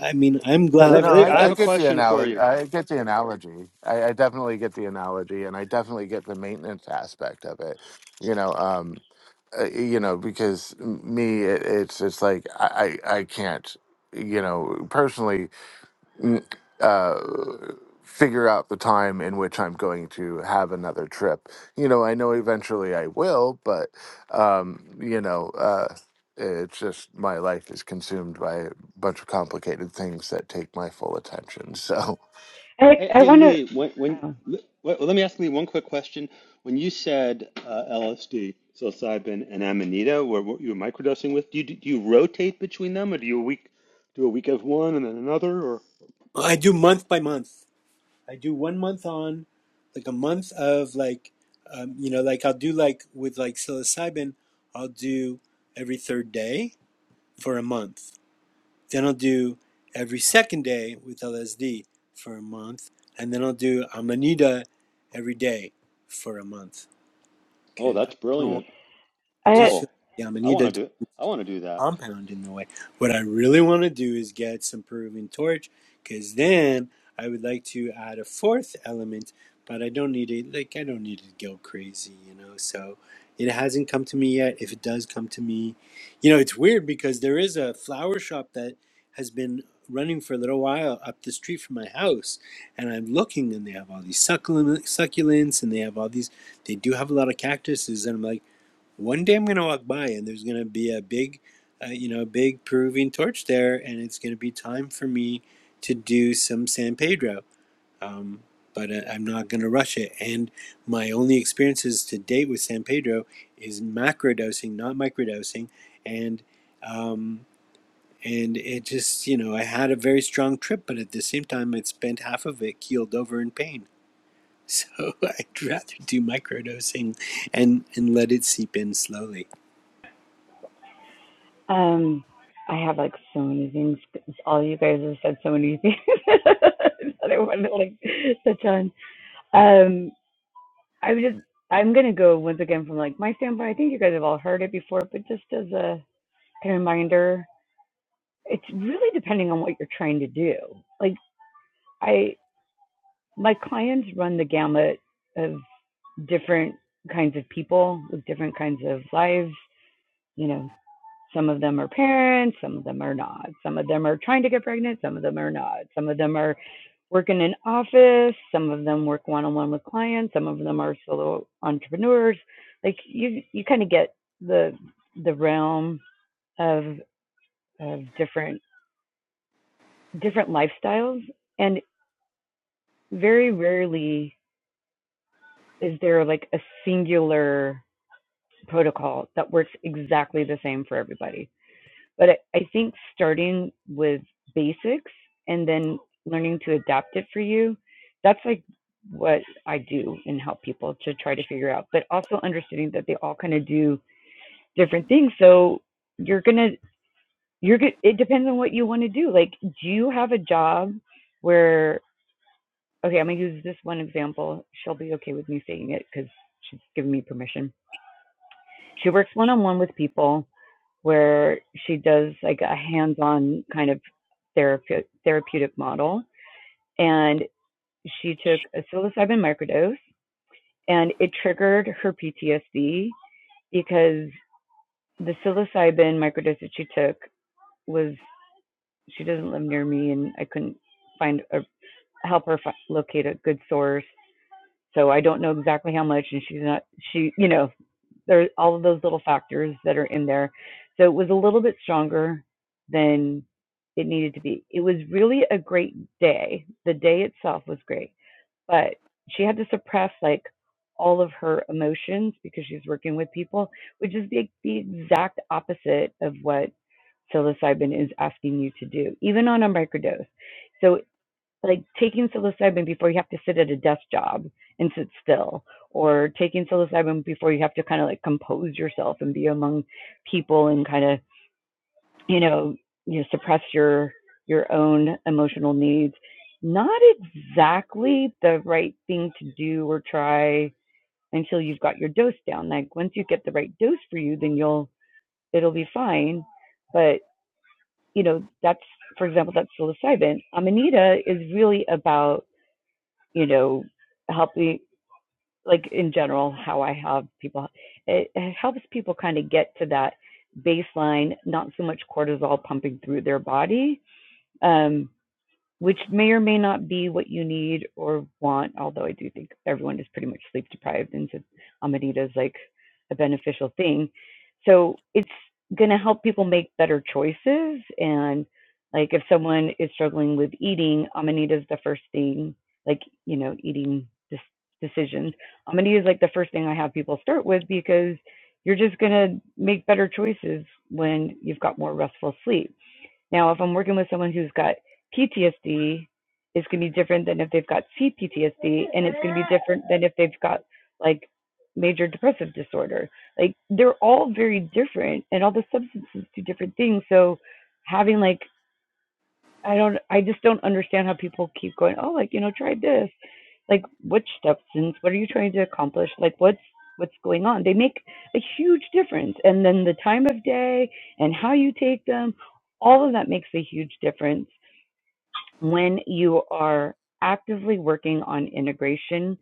S3: I mean, I'm glad
S2: No,
S1: Uh,
S3: I've
S2: no,
S1: Lee,
S3: had
S2: I,
S1: I
S2: I
S1: have a
S2: get
S3: both.
S2: the
S1: question for
S2: analogy.
S1: you.
S2: I get the analogy. I, I definitely get the analogy, and I definitely get the maintenance aspect of it. You know, um, uh, you know, because me, it, it's it's like I, I I can't, you know, personally mm, uh, figure out the time in which I'm going to have another trip. You know, I know eventually I will, but um, you know, uh, it's just my life is consumed by a bunch of complicated things that take my full attention. So,
S1: Hey,
S5: I I
S1: hey,
S5: want to.
S1: Lee. When, when,
S5: Oh,
S1: le- well, let me ask Lee one quick question. When you said uh, LSD, psilocybin, and amanita, were what you were microdosing with, do you do you rotate between them, or do you a week do a week of one and then another, or?
S3: I do month by month. I do one month on, like a month of like, um, you know, like I'll do like with like psilocybin, I'll do every third day for a month. Then I'll do every second day with LSD for a month, and then I'll do Amanita every day for a month.
S1: Oh,
S3: Cause I
S1: that's
S3: don't know. why,
S1: brilliant.
S3: I just feel
S1: Cool.
S3: the
S1: I want
S3: Amanita.
S1: to do I want to do that.
S3: compound in the way. What I really want to do is get some Peruvian torch, because then I would like to add a fourth element, but I don't need it. Like I don't need it to go crazy, you know. So it hasn't come to me yet. If it does come to me, you know, it's weird because there is a flower shop that has been running for a little while up the street from my house and i'm looking and they have all these succulent, succulents and they have all these they do have a lot of cactuses and i'm like one day I'm going to walk by and there's going to be a big, uh, you know, big Peruvian torch there, and it's going to be time for me to do some San Pedro. Um, but uh, I'm not going to rush it. And my only experiences to date with San Pedro is macrodosing, not microdosing, and um, and it just you know I had a very strong trip, but at the same time I spent half of it keeled over in pain. So I'd rather do microdosing and and let it seep in slowly.
S5: Um, I have like so many things. All you guys have said so many things that I want to like touch on. Um, I would just, I'm gonna go once again from like my standpoint. I think you guys have all heard it before, but just as a kind of reminder, it's really depending on what you're trying to do. Like I, my clients run the gamut of different kinds of people with different kinds of lives. You know, Some of them are parents, some of them are not. Some of them are trying to get pregnant, some of them are not. Some of them are working in office, some of them work one on one with clients, some of them are solo entrepreneurs. Like you you kind of get the the realm of of different different lifestyles and very rarely is there like a singular protocol that works exactly the same for everybody. But I, I think starting with basics and then learning to adapt it for you, that's like what I do and help people to try to figure out. But also understanding that they all kind of do different things. So you're gonna you're good it depends on what you want to do. Like, do you have a job where okay, I'm gonna use this one example. She'll be okay with me saying it because she's given me permission. She works one on one with people where she does like a hands-on kind of therapeutic therapeutic model and she took a psilocybin microdose and it triggered her PTSD because the psilocybin microdose that she took was she doesn't live near me and I couldn't find a help her fi- locate a good source so I don't know exactly how much and she's not she you know there all of those little factors that are in there. So it was a little bit stronger than it needed to be. It was really a great day. The day itself was great, but she had to suppress like all of her emotions because she's working with people, which is the, the exact opposite of what psilocybin is asking you to do, even on a microdose. So like taking psilocybin before you have to sit at a desk job and sit still or taking psilocybin before you have to kind of like compose yourself and be among people and kind of you know you know, suppress your your own emotional needs not exactly the right thing to do or try until you've got your dose down like once you get the right dose for you then you'll it'll be fine but you know that's for example that's psilocybin amanita is really about you know, helping like in general how I have people it, it helps people kind of get to that baseline, not so much cortisol pumping through their body, um, which may or may not be what you need or want, although I do think everyone is pretty much sleep deprived, and so Amanita is like a beneficial thing. So it's going to help people make better choices. And like if someone is struggling with eating, Amanita is the first thing, like, you know, eating decisions. Amanita is like the first thing I have people start with because you're just going to make better choices when you've got more restful sleep. Now, if I'm working with someone who's got PTSD, it's going to be different than if they've got CPTSD, and it's going to be different than if they've got like major depressive disorder. Like they're all very different, and all the substances do different things. So having like I don't I just don't understand how people keep going, Oh, like, you know, try this. Like which substance? What are you trying to accomplish? Like what's what's going on? They make a huge difference. And then the time of day and how you take them, all of that makes a huge difference when you are actively working on integration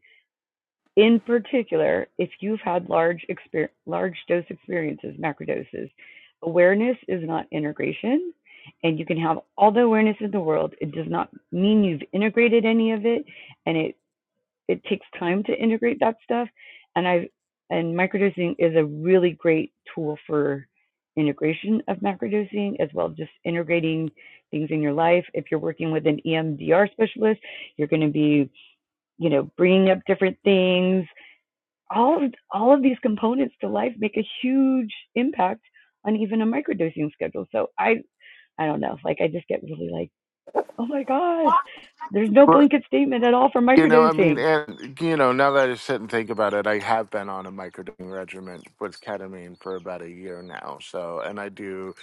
S5: in particular, if you've had large exper- large dose experiences, macrodoses, awareness is not integration. And you can have all the awareness in the world. It does not mean you've integrated any of it. And it, it takes time to integrate that stuff. And I've and microdosing is a really great tool for integration of macrodosing as well just integrating things in your life if you're working with an emdr specialist you're going to be you know bringing up different things all of, all of these components to life make a huge impact on even a microdosing schedule. So I I don't know, like I just get really like, oh my gosh, there's no blanket statement at all for
S2: You know, I mean,
S5: microdosing.
S2: and you know, now that I sit and think about it, I have been on a microdosing regimen with ketamine for about a year now. So, and I do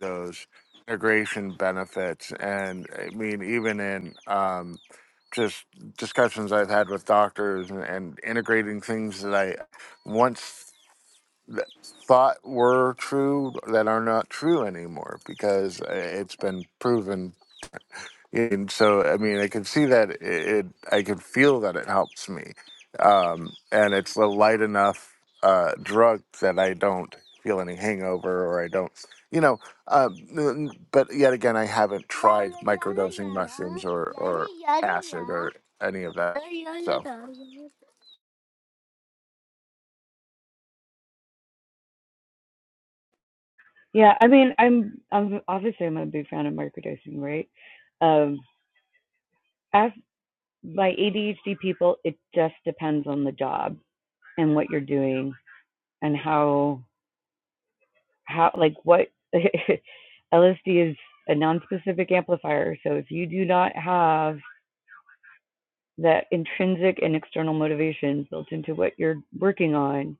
S2: those integration benefits, and I mean, even in um, just discussions I've had with doctors and, and integrating things that I once th- thought were true that are not true anymore because uh, it's been proven and so, I mean, I can see that it, it I can feel that it helps me. Um, and it's a light enough uh, drug that I don't feel any hangover or I don't, you know, um, n- but yet again, I haven't tried microdosing mushrooms or, or acid or any of that. So.
S5: Yeah, I mean, I'm I'm obviously I'm a big fan of microdosing, right? Um, as my ADHD people, it just depends on the job and what you're doing and how how like what LSD is a non-specific amplifier. So if you do not have that intrinsic and external motivations built into what you're working on.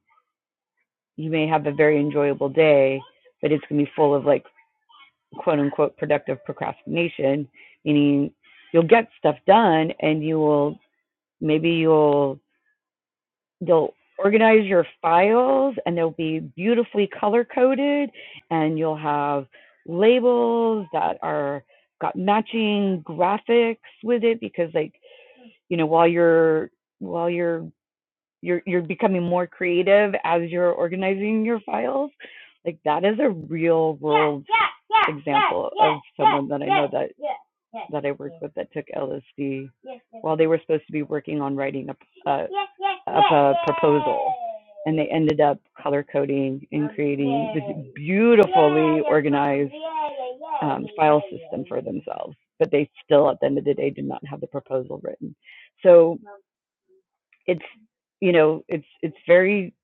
S5: You may have a very enjoyable day, but it's going to be full of like quote unquote productive procrastination, meaning you'll get stuff done and you will maybe you'll you'll organize your files and they'll be beautifully color coded and you'll have labels that are got matching graphics with it because like you know while you're while you're you're you're becoming more creative as you're organizing your files like that is a real world yeah, yeah, yeah, example yeah, yeah, of someone yeah, that i know yeah, that yeah, yeah, that i worked yeah. with that took lsd while they were supposed to be working on writing up a, up yeah, a proposal yeah. and they ended up color coding and creating okay. this beautifully yeah, yeah, organized yeah, yeah, yeah, um, file yeah, yeah, system yeah. for themselves but they still at the end of the day did not have the proposal written so it's you know it's it's very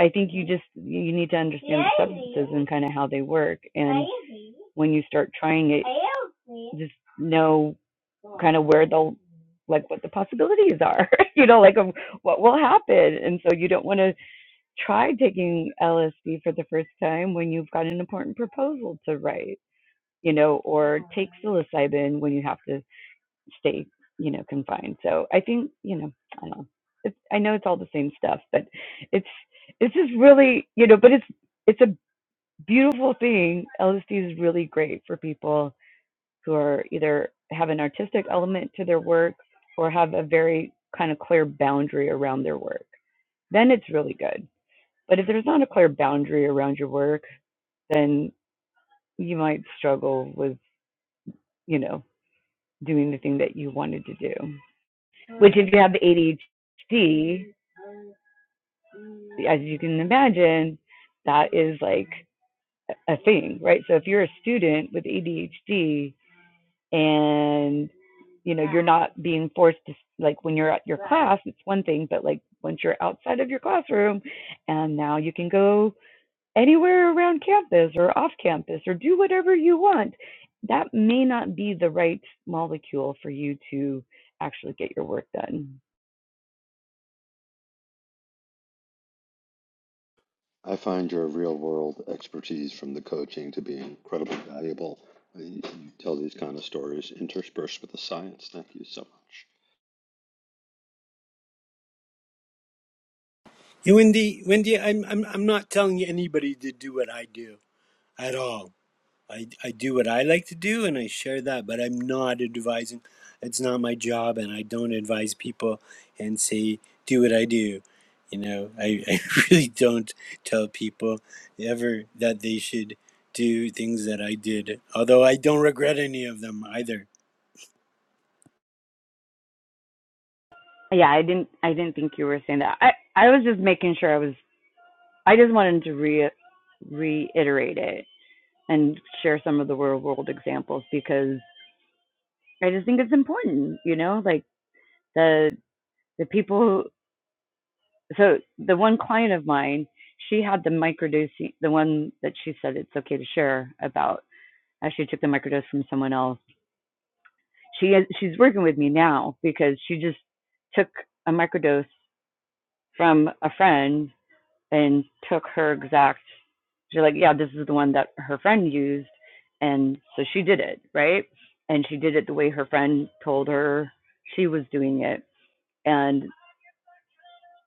S5: i think you just you need to understand the substances and kind of how they work and when you start trying it just know kind of where the like what the possibilities are you know like of what will happen and so you don't want to try taking lsd for the first time when you've got an important proposal to write you know or take psilocybin when you have to stay, you know, confined. So I think, you know, I don't know. It's, I know it's all the same stuff, but it's it's just really, you know, but it's it's a beautiful thing. LSD is really great for people who are either have an artistic element to their work or have a very kind of clear boundary around their work. Then it's really good. But if there's not a clear boundary around your work, then you might struggle with, you know, doing the thing that you wanted to do. Which, if you have ADHD, as you can imagine, that is like a thing, right? So if you're a student with ADHD and you know you're not being forced to like when you're at your class, it's one thing, but like once you're outside of your classroom and now you can go anywhere around campus or off campus or do whatever you want, that may not be the right molecule for you to actually get your work done.
S1: Tell these stories. Thank you so
S3: Hey, Wendy, Wendy, I'm I'm I'm not telling anybody to do what I do at all. I I do what I like to do and I share that, but I'm not advising. It's not my job and I don't advise people and say do what I do. You know, I, I really don't tell people ever that they should do things that I did, although I don't regret any of them either.
S5: Yeah, I didn't I didn't think you were saying that. I I was just making sure I was I just wanted to re reiterate it and share some of the real world examples because I just think it's important, you know, like the the people who, so the one client of mine, she had the microdosing the one that she said it's okay to share about as she took the microdose from someone else. She is she's working with me now because she just took a microdose from a friend and took her exact she's like yeah this is the one that her friend used and so she did it right and she did it the way her friend told her she was doing it and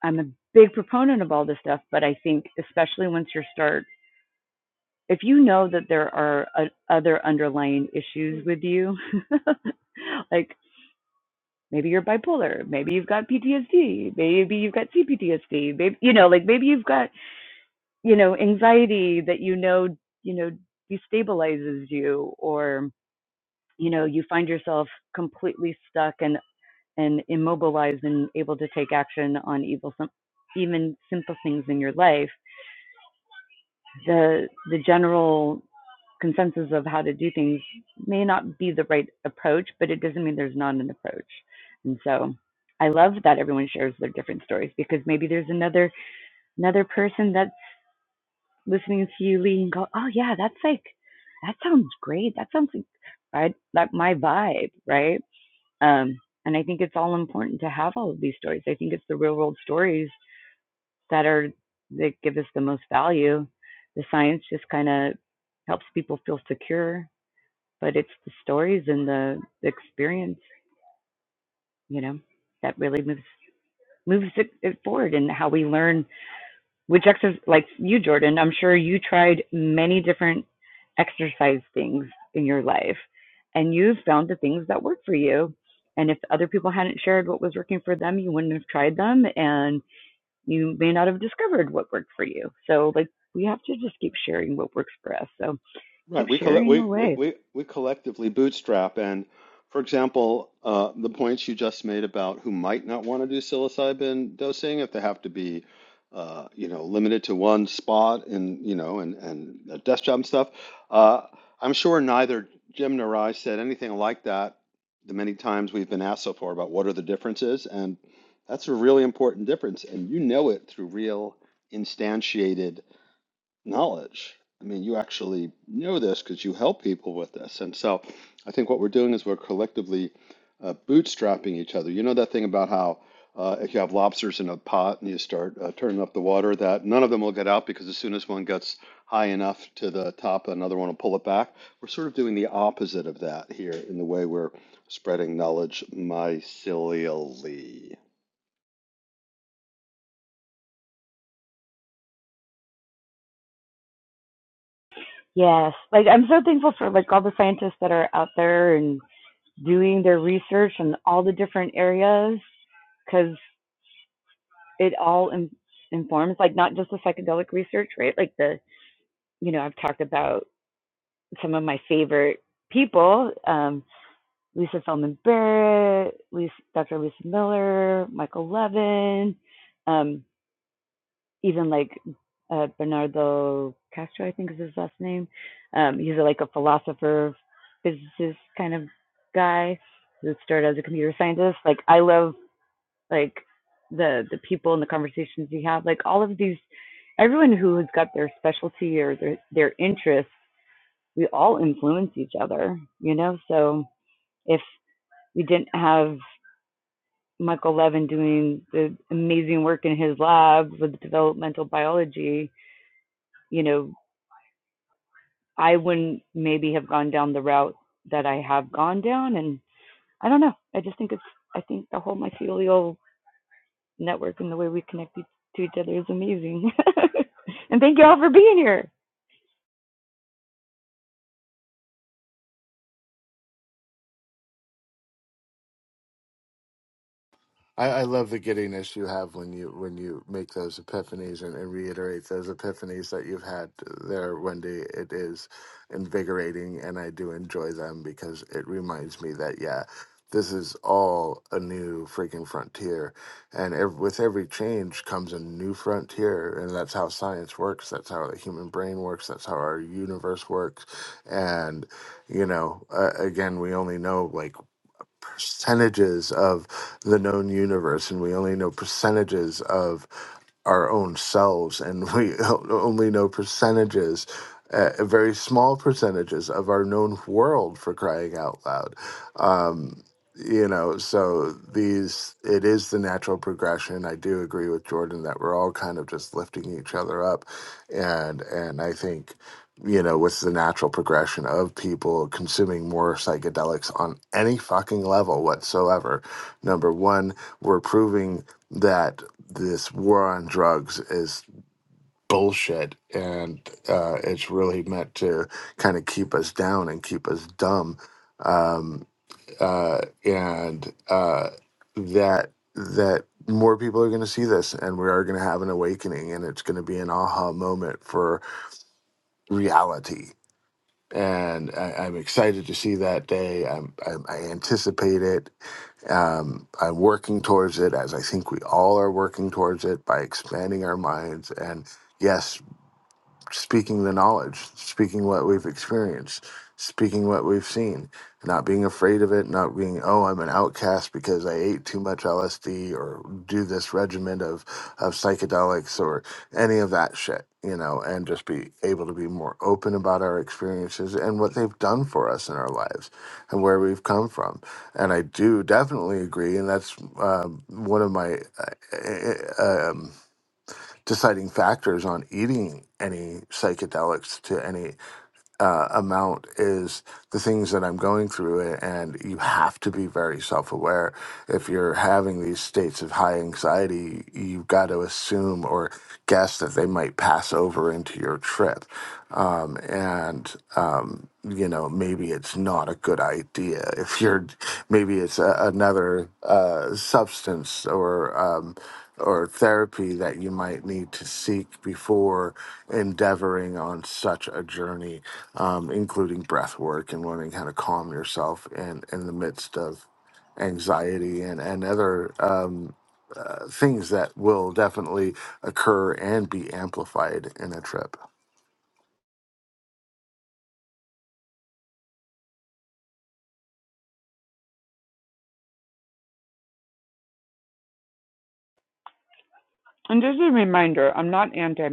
S5: i'm a big proponent of all this stuff but i think especially once you start if you know that there are uh other underlying issues with you like maybe you're bipolar maybe you've got ptsd maybe you've got cptsd maybe you know like maybe you've got you know, anxiety that you know, you know, destabilizes you or, you know, you find yourself completely stuck and, and immobilized and able to take action on evil, even simple things in your life, the, the general consensus of how to do things may not be the right approach, but it doesn't mean there's not an approach. And so I love that everyone shares their different stories because maybe there's another another person that. listening to you lead and go, oh yeah, that's like, that sounds great. That sounds like, right, that my vibe, right? Um, and I think it's all important to have all of these stories. I think it's the real world stories that are that give us the most value. The science just kind of helps people feel secure, but it's the stories and the, the experience, you know, that really moves moves it, it forward and how we learn which exercise like you jordan i'm sure you tried many different exercise things in your life and you found the things that work for you and if other people hadn't shared what was working for them you wouldn't have tried them and you may not have discovered what worked for you so like we have to just keep sharing what works for us so
S1: Right.
S5: keep
S1: We collect
S5: sharing
S1: we, we,
S5: away
S1: we, we collectively bootstrap and for example, uh, the points you just made about who might not want to do psilocybin dosing if they have to be uh, you know, limited to one spot and you know, and and the desk job and stuff. Uh, I'm sure neither Jim nor I said anything like that the many times we've been asked so far about what are the differences, and that's a really important difference, and you know it through real instantiated knowledge. I mean, you actually know this because you help people with this. And so I think what we're doing is we're collectively uh, bootstrapping each other. You know that thing about how uh, if you have lobsters in a pot and you start uh, turning up the water, that none of them will get out because as soon as one gets high enough to the top, another one will pull it back. We're sort of doing the opposite of that here in the way we're spreading knowledge mycelially.
S5: yes like i'm so thankful for like all the scientists that are out there and doing their research in all the different areas because it all in, informs like not just the psychedelic research right like the you know i've talked about some of my favorite people um lisa feldman barrett lisa, dr lisa miller michael levin um even like uh, bernardo castro i think is his last name um he's a, like a philosopher physicist kind of guy who started as a computer scientist like i love like the the people and the conversations you have like all of these everyone who has got their specialty or their their interests we all influence each other you know so if we didn't have michael levin doing the amazing work in his lab with developmental biology you know i wouldn't maybe have gone down the route that i have gone down and i don't know i just think it's i think the whole mycelial network and the way we connect e- to each other is amazing. and thank you all for being here.
S2: I, I love the giddiness you have when you when you make those epiphanies and, and reiterate those epiphanies that you've had there, Wendy. It is invigorating, and I do enjoy them because it reminds me that yeah, this is all a new freaking frontier, and ev- with every change comes a new frontier, and that's how science works. That's how the human brain works. That's how our universe works, and you know, uh, again, we only know like percentages of the known universe and we only know percentages of our own selves and we only know percentages uh, very small percentages of our known world for crying out loud um, you know so these it is the natural progression i do agree with jordan that we're all kind of just lifting each other up and and i think you know, what's the natural progression of people consuming more psychedelics on any fucking level whatsoever? Number one, we're proving that this war on drugs is bullshit and uh, it's really meant to kind of keep us down and keep us dumb. Um, uh, and uh, that, that, more people are going to see this and we are going to have an awakening and it's going to be an aha moment for reality and I, I'm excited to see that day. I'm, I, I anticipate it. Um, I'm working towards it, as I think we all are working towards it by expanding our minds. And yes, speaking the knowledge, speaking what we've experienced, speaking what we've seen, not being afraid of it, not being, oh, I'm an outcast because I ate too much LSD or do this regimen of, of psychedelics or any of that shit, you know, and just be able to be more open about our experiences and what they've done for us in our lives and where we've come from. And I do definitely agree. And that's um, one of my uh, eh, eh, um, deciding factors on eating any psychedelics to any uh, amount is the things that I'm going through. And you have to be very self aware. If you're having these states of high anxiety, you've got to assume or guess that they might pass over into your trip. Um, and, um, you know, maybe it's not a good idea. If you're, maybe it's a, another uh, substance or, um, or therapy that you might need to seek before endeavoring on such a journey, um, including breath work and learning how to calm yourself in, in the midst of anxiety and, and other um, uh, things that will definitely occur and be amplified in a trip.
S5: And just a reminder, I'm not anti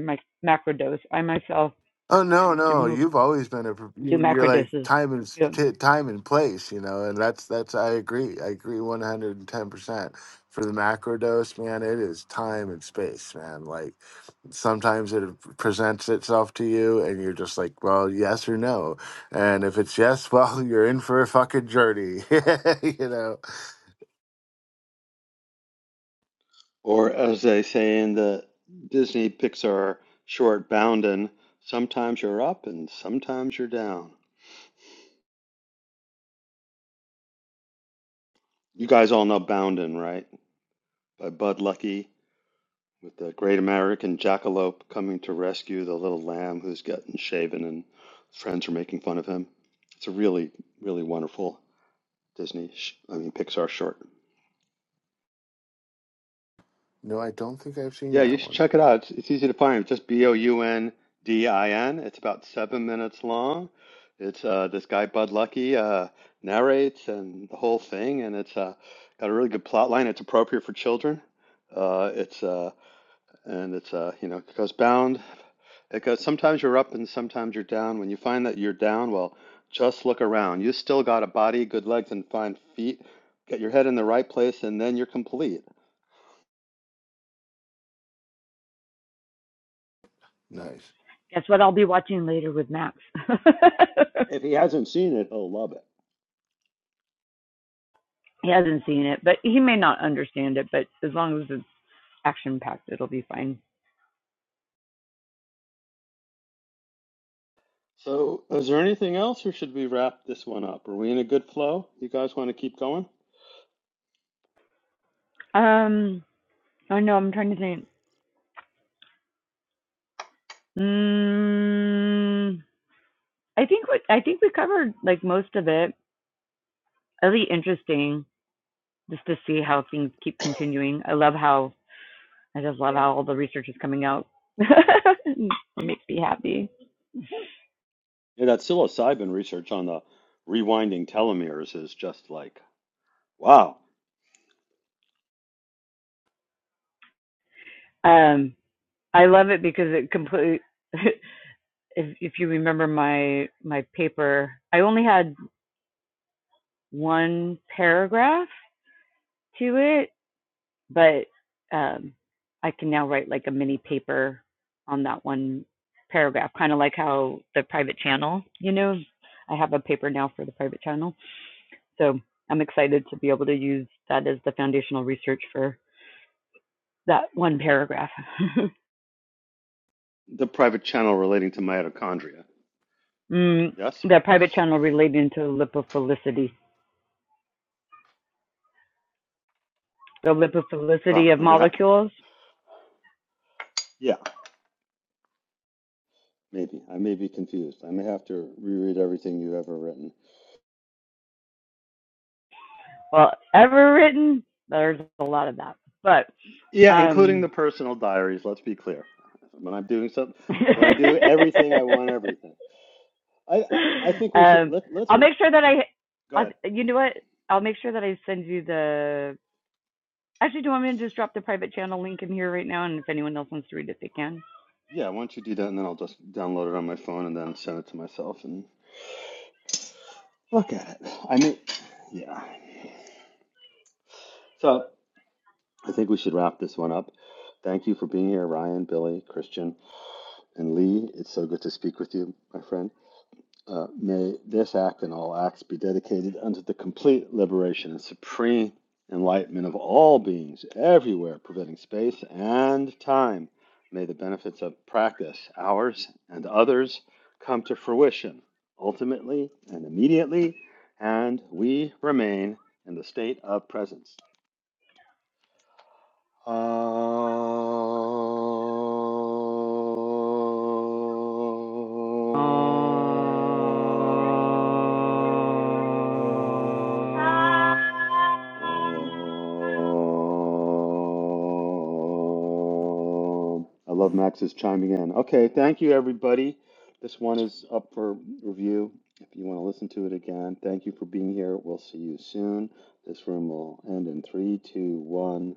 S5: macrodose. I myself
S2: Oh no,
S5: do
S2: no! You've always been a pro-
S5: do
S2: you- you're like
S5: macrodoses.
S2: time and s-
S5: Yeah.
S2: t- time and place, you know, and that's that's I agree. I agree one hundred and ten percent. For the macro dose, man, it is time and space, man. Like sometimes it presents itself to you, and you're just like, well, yes or no. And if it's yes, well, you're in for a fucking journey, you know.
S1: Or as they say in the Disney Pixar short Boundin', sometimes you're up and sometimes you're down. You guys all know Boundin', right? By Bud Lucky, with the great American jackalope coming to rescue the little lamb who's gotten shaven and friends are making fun of him. It's a really, really wonderful Disney, sh- I mean Pixar short.
S2: No, I don't think I've seen
S1: Yeah, you
S2: that
S1: should
S2: one.
S1: check it out. It's, it's easy to find. Just B O U N D I N. It's about seven minutes long. It's uh, this guy Bud Lucky uh, narrates and the whole thing, and it's uh, got a really good plot line. It's appropriate for children. Uh, it's uh, and it's uh, you know it goes bound. It goes sometimes you're up and sometimes you're down. When you find that you're down, well, just look around. You still got a body, good legs, and fine feet. Get your head in the right place, and then you're complete.
S2: Nice.
S5: Guess what? I'll be watching later with Max.
S1: If he hasn't seen it, he'll love it.
S5: he hasn't seen it, but he may not understand it. But as long as it's action packed, it'll be fine.
S1: So, is there anything else, or should we wrap this one up? Are we in a good flow? You guys want to keep going?
S5: Um, I know. I'm trying to think. Mm, I think what I think we covered like most of it. Really interesting. just to see how things keep continuing. I love how I just love how all the research is coming out. it makes me happy.
S1: Yeah, that psilocybin research on the rewinding telomeres is just like, wow.
S5: Um, I love it because it completely. If if you remember my my paper, I only had one paragraph to it, but um, I can now write like a mini paper on that one paragraph, kind of like how the private channel. You know, I have a paper now for the private channel. So I'm excited to be able to use that as the foundational research for that one paragraph.
S1: The private channel relating to mitochondria.
S5: mm,
S1: Yes?
S5: the private channel relating to lipophilicity. The
S1: Well,
S5: lipophilicity of
S1: I'm gonna ha-
S5: molecules.
S1: yeah, maybe. I may be confused. I may have to reread everything you've ever written.
S5: Well, ever written, there's a lot of that. But
S1: Yeah, including
S5: um,
S1: the personal diaries, let's be clear. When I'm doing something, when I do everything, I want everything. I, I, I think we should,
S5: um,
S1: let, let's,
S5: I'll
S1: re-
S5: make sure that I,
S1: go
S5: I'll,
S1: ahead.
S5: you know what? I'll make sure that I send you the. Actually, do you want me to just drop the private channel link in here right now? And if anyone else wants to read it, they can.
S1: Yeah, why don't you do that and then I'll just download it on my phone and then send it to myself and look at it. I mean, yeah. So I think we should wrap this one up. Thank you for being here, Ryan, Billy, Christian, and Lee. It's so good to speak with you, my friend. Uh, may this act and all acts be dedicated unto the complete liberation and supreme enlightenment of all beings everywhere, preventing space and time. May the benefits of practice, ours and others, come to fruition ultimately and immediately, and we remain in the state of presence. I
S5: Ah.
S1: love Max's chiming in. Okay, thank you, everybody. This one is up for review. If you want to listen to it again, thank you for being here. We'll see you soon. This room will end in three, two, one.